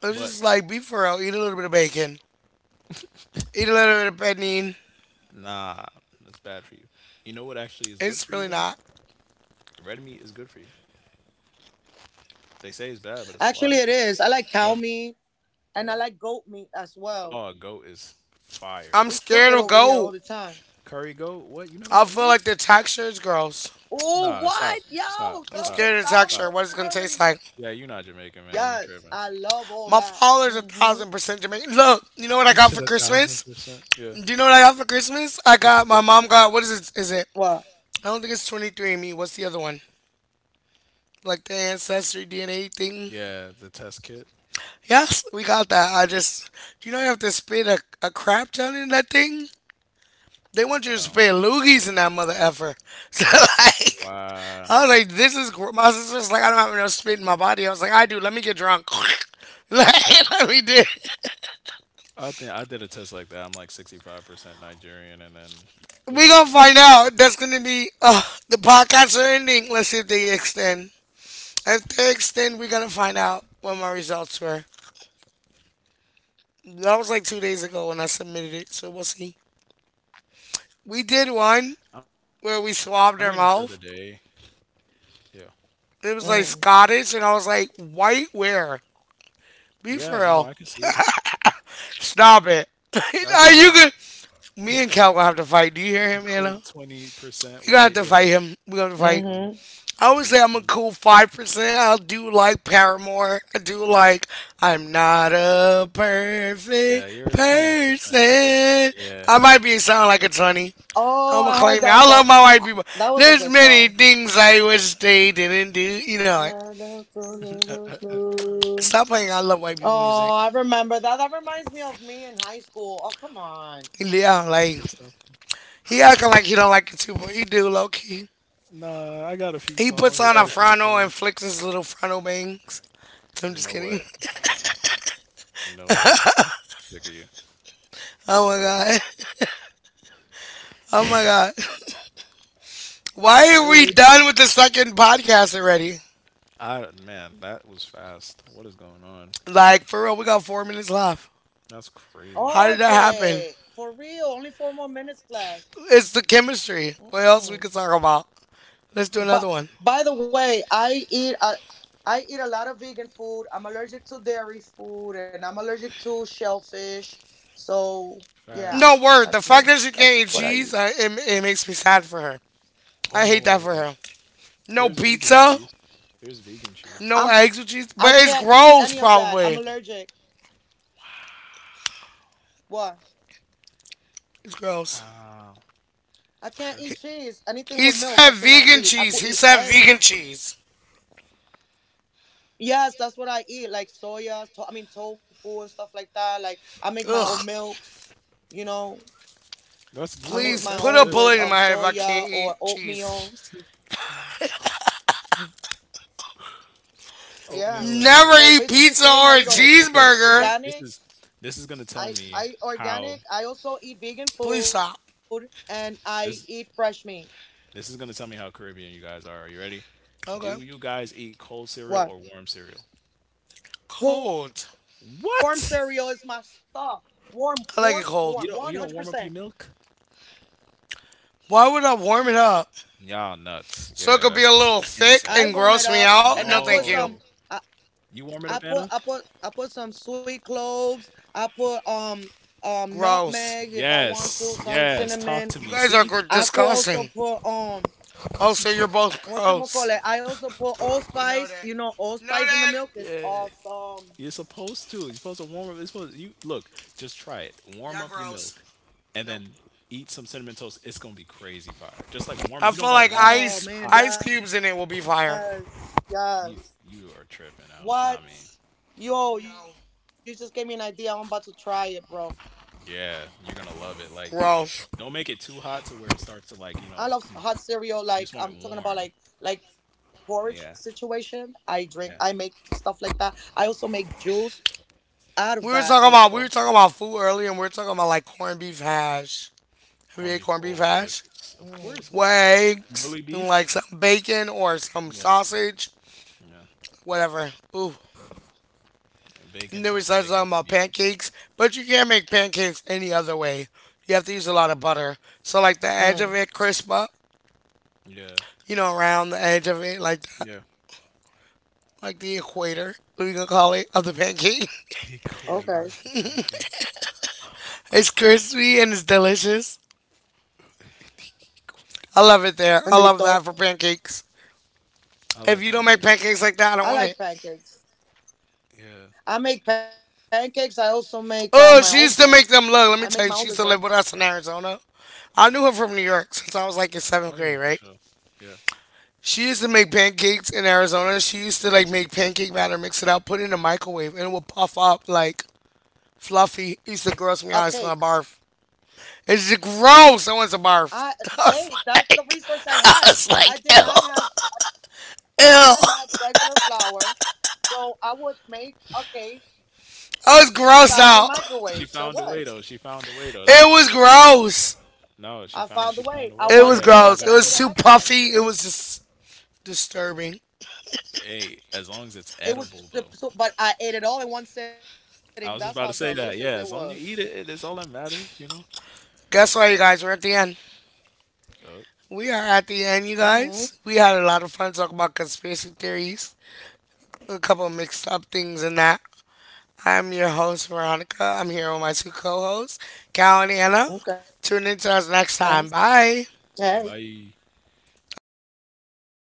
S1: It's
S3: but
S1: just like be for real. Eat a little bit of bacon. Eat a little bit of penne.
S3: nah, that's bad for you. You know what actually is good
S1: It's
S3: for you
S1: really
S3: though?
S1: not.
S3: Red meat is good for you. They say it's bad, but it's a
S2: Actually,
S3: lie.
S2: it is. I like cow
S3: Yeah.
S2: meat and I
S3: Yeah.
S2: like goat meat as well.
S3: Oh, goat is fire.
S1: I'm
S2: We cook
S1: scared
S2: it
S1: of
S2: over here
S1: goat.
S2: all the time.
S3: Curry goat? What? You never
S1: I
S3: had
S1: feel
S3: what?
S1: like the texture is gross.
S2: Oh,
S3: Nah,
S2: what?
S3: stop.
S2: Yo,
S3: Stop.
S1: I'm
S2: throws
S3: Stop.
S1: scared
S2: it
S1: of the
S2: down with
S1: texture.
S3: Stop.
S2: the
S1: What it's gonna taste
S2: curry.
S1: like.
S3: Yeah, you're not Jamaican, man. You
S2: Yes,
S3: tripping.
S2: I love all
S1: My
S3: Not-
S2: that.
S1: father's a
S2: Mm-hmm.
S1: thousand percent Jamaican. Look, you know what I
S3: You
S1: got
S3: said
S1: for
S3: a thousand
S1: Christmas?
S3: percent. Yeah.
S1: Do you know what I got for Christmas? I
S3: What'd
S1: got
S3: you
S1: my
S3: get?
S1: mom got, what is it?
S2: What?
S1: I don't think it's 23andMe. What's the other one? Like the ancestry DNA thing?
S3: Yeah, the test kit.
S1: Yes, we got that. Do you know, you have to spit a crap ton in that thing. They want you to
S3: Oh.
S1: spit loogies in that mother effer. So like,
S3: Wow.
S1: I was like, my sister's like, I don't have enough spit in my body. I was like, I do. Let me get drunk. Like, let me do it.
S3: I think I did a test like that. I'm like 65% Nigerian and then it was
S1: We
S3: like
S1: gonna find out. That's gonna be the podcasts are ending. Let's see if they extend. If they extend, we're gonna find out what my results were. That was like 2 days ago when I submitted it, so we'll see. We did one
S3: I'm waiting for the
S1: where we
S3: day.
S1: swabbed our mouth.
S3: Yeah.
S1: It was like
S2: Mm.
S1: Scottish, and I was like, white where? Be for
S3: Yeah, no,
S1: real.
S3: I can see it.
S1: Stop it.
S3: I can
S1: Are
S3: see
S1: you
S3: it.
S1: could. Me and Cal gonna have to fight. Do you hear
S3: A
S1: him,
S3: cool
S1: Anna?
S3: 20%
S1: We gonna have
S3: white,
S1: to
S3: yeah,
S1: fight him. We gonna have to fight.
S3: you know.
S2: Mm-hmm.
S1: I always
S3: See,
S1: say I'm a
S3: 20.
S1: cool 5%. I do like Paramore. I do like I'm not a perfect
S3: Yeah, you're 20%.
S1: person.
S3: Yeah.
S1: I might be sounding like a 20.
S2: Oh,
S1: I'm gonna
S2: I heard
S1: claim it.
S2: that
S1: I love
S2: song.
S1: my white
S2: Ah,
S1: people.
S2: that was a
S1: There's
S2: good
S1: many
S2: song.
S1: things I wish they didn't do. You know, like, stop playing. I love white people
S2: Oh,
S1: music.
S2: I remember that. That reminds me of me in high school. Oh, come on.
S3: She says
S1: Yeah,
S3: stuff.
S1: like
S3: I was
S1: he acting
S3: like,
S1: like he don't like it too, but he do low key.
S3: nah, I got a few
S1: He
S3: songs.
S1: puts
S3: I
S1: on
S3: got a
S1: a
S3: few
S1: frontal
S3: songs.
S1: and flicks his little frontal bangs. I'm
S3: You know
S1: just
S3: what?
S1: kidding.
S3: You know what? Sick of you.
S1: Oh my
S3: But
S1: god. Oh my god. Why are we
S3: really?
S1: done with the second podcast already?
S3: I man, that was fast. What is going on?
S1: Like for real, we got 4 minutes left.
S3: That's crazy.
S1: How did
S2: Oh,
S1: that happen?
S2: Jay. For real. Only four more minutes left.
S1: It's the chemistry. What else we
S2: Mm-mm.
S1: could talk about? Let's do another
S2: But
S1: one.
S2: by the way, I eat a lot of vegan food. I'm allergic to dairy food, and I'm allergic to shellfish. So yeah,
S3: Facts.
S1: No word. The
S2: that's
S1: fact
S2: me.
S1: that she can't
S2: That's
S1: eat
S2: what I eat.
S1: cheese, it makes me sad for her. I hate that for
S3: Oh,
S1: her. No
S3: there's vegan
S1: pizza,
S3: cheese. There's vegan cheese.
S1: no
S2: I'm
S1: eggs with cheese,
S2: I
S1: but it's
S2: can't eat
S1: gross.
S2: any of that. I'm
S1: Probably
S2: allergic. What?
S1: it's gross.
S3: Wow.
S2: I can't eat
S3: Allergic.
S2: cheese. Anything
S1: He
S2: with milk,
S1: said
S2: I cannot
S1: vegan
S2: eat. I
S1: cheese.
S2: could
S1: He
S2: eat
S1: said vegan
S2: eggs.
S1: cheese.
S2: Yes, that's what I eat, like soya. I mean tofu and stuff like that. Like I make my own
S1: Ugh.
S2: milks. You know,
S3: That's you
S2: I
S3: know
S2: make
S3: what, but
S1: Please
S2: my
S3: that's
S1: put a
S2: own
S3: good
S2: with
S1: bullet in
S3: though.
S1: my head if I can't
S2: soya or
S1: eat cheese.
S3: She
S2: oatmeal.
S3: said put a bun- oatmeal and
S2: Yeah.
S1: Never
S3: Oreo.
S1: eat pizza
S2: So
S1: or a
S2: basically
S3: Yo,
S2: saying I
S3: okay,
S2: eat
S1: cheeseburger.
S3: okay. This
S2: organic,
S3: is this is gonna tell
S2: I
S3: me
S2: I eat
S3: how
S2: organic, I also eat
S1: Please
S2: vegan
S1: stop.
S2: food and I
S3: this
S2: eat fresh meat.
S3: this is gonna tell me how Caribbean you guys are. Are you ready?
S1: Okay.
S3: Do you guys eat cold cereal or
S2: What?
S3: warm cereal?
S1: Cold.
S2: Warm
S3: What?
S2: cereal is my stuff.
S1: I
S2: Warm,
S1: like it
S2: warm,
S1: cold.
S3: You don't
S2: warm.
S3: warm up your milk?
S2: 100%.
S1: Why would I warm it up?
S3: Y'all nuts.
S1: So it
S3: Yeah,
S1: could be a
S3: that's
S1: little thick
S3: insane.
S2: I
S1: and
S2: warm
S1: gross
S2: it
S1: me
S2: up
S1: out?
S2: and
S1: No,
S2: I
S1: thank
S2: put
S1: you.
S3: No.
S2: some I,
S3: You warm it up,
S2: I
S3: Anna?
S2: put I put some sweet cloves. I put
S1: Gross.
S2: nutmeg if I want to,
S3: Yes.
S2: some
S3: Yes. Talk
S2: cinnamon.
S3: to
S1: You
S3: me.
S1: guys are
S3: See?
S2: I could also
S1: disgusting.
S2: put
S1: Also, you're both
S2: what you
S1: gross.
S2: call it? I also put
S1: Know
S2: allspice.
S1: that.
S2: You know,
S1: Know
S2: allspice in
S1: that.
S2: the milk is
S3: Yeah.
S2: awesome.
S3: You're supposed to. You're supposed to warm up. It's supposed you look. Just try it. Warm
S1: Y'all
S3: up your
S1: gross.
S3: milk, and
S1: Nope.
S3: then eat some cinnamon toast. It's gonna be crazy fire. Just like warm.
S1: I
S3: You
S1: feel
S3: don't gotta
S1: like
S3: warm it up
S1: ice
S3: hot.
S1: ice cubes
S2: Oh
S1: in it will
S2: man,
S1: be fire.
S2: yes,
S3: You
S2: yes.
S3: you are tripping out. I mean,
S2: What?
S1: No.
S2: Yo, you just gave me an idea. I'm about to try it, bro.
S3: yeah, you're gonna love it. Like,
S1: Gross.
S3: don't make it too hot to where it starts to like you know.
S2: I love
S3: Con-
S2: hot
S3: you just
S2: cereal.
S3: want it
S2: Like I'm
S3: warm.
S2: talking about, like porridge
S3: Yeah,
S2: situation. I
S3: yeah.
S2: drink. I make stuff like that. I also make juice out of
S1: We were
S2: that.
S1: talking about we were
S2: Also.
S1: talking about food earlier, and we were talking about like corned beef hash. Have you
S3: Corned
S1: ate
S3: beef.
S1: corned beef
S3: Oh,
S1: hash?
S3: delicious. Of course.
S2: Mm,
S1: With
S3: What?
S1: eggs
S3: Bully
S1: and like
S3: beef.
S1: some bacon or some
S3: Yeah,
S1: sausage,
S3: yeah.
S1: whatever. Ooh,
S3: Bacon,
S1: and then we
S3: turkey,
S1: started
S3: bacon,
S1: talking about
S3: fajita.
S1: pancakes, but you can't make pancakes any other way. You have to use a lot of butter. So like the edge of
S2: mm.
S1: it crisp up,
S3: Yeah,
S1: you know, around the edge of it like that,
S3: yeah.
S1: like the equator, we can call it, of the pancake.
S3: The equator
S2: Okay.
S3: of the pancake.
S1: It's crispy and it's delicious.
S3: The equator.
S1: I love it there. I love that for
S2: Bendito.
S1: pancakes.
S3: I
S1: If
S3: like
S1: you don't make
S3: pancakes.
S1: pancakes like that, I don't
S2: I
S1: want it.
S2: like pancakes.
S3: Yeah.
S2: I make pancakes. I also make
S1: Oh,
S2: my
S1: she used
S2: own
S1: to make
S2: bread.
S1: them look. Let me tell you, she used
S2: I
S1: to live
S2: make
S1: with
S2: my own
S1: us in
S2: dessert.
S1: Arizona. I knew her from New York since I was like in seventh
S3: Oh yeah,
S1: grade,
S3: for
S1: right?
S3: sure. Yeah.
S1: She used to make pancakes in Arizona. She used to like make pancake batter, mix it out, put it in the microwave, and it would puff up like fluffy. It used to gross me out. I used to
S2: A
S1: want to barf.
S2: cake.
S1: It's just gross. I want to barf.
S2: I
S1: I was
S2: hey, that's the
S1: like,
S2: resource I
S1: I was
S2: had.
S1: like, ew,
S2: I did not have. I did
S1: ew.
S2: not have regular flour, so I would make a cake
S1: I was grossed
S2: inside your
S1: out.
S2: microwave.
S3: She
S2: So
S3: found a
S2: what?
S3: way though. She found a way though.
S1: It
S3: That's what's
S1: was
S3: important.
S1: gross.
S3: No,
S2: I found a
S3: she
S2: way.
S3: found a
S2: I
S1: It
S3: way.
S1: was
S2: wanted
S3: Yeah, that's
S2: cake,
S3: how it
S1: gross. It
S2: and
S3: gotta
S2: I
S3: be
S1: was
S2: made it
S1: too
S3: sometimes
S2: happen.
S1: puffy.
S3: though.
S1: It was just disturbing.
S3: But, hey, as long as it's
S2: It
S3: edible though.
S2: was, but I ate it all in one sitting.
S3: I was
S2: That's
S3: just
S2: how
S3: about to say that.
S2: delicious
S3: Yeah,
S2: it
S3: as long as you
S2: was.
S3: eat it, it- that's all that matter, you know?
S1: Guess what, you guys? We're at the end.
S3: Yup.
S1: We are at the end, you guys. We had a
S2: Mm-hmm.
S1: lot of fun talking about conspiracy theories, a couple of mixed up things and that. I'm your host, Veronica. I'm here with my two co hosts, Cal and Anna. Tune in to us next
S2: Okay.
S1: time. Bye.
S2: Hey.
S3: Bye. All right.
S1: Okay.
S2: Bye.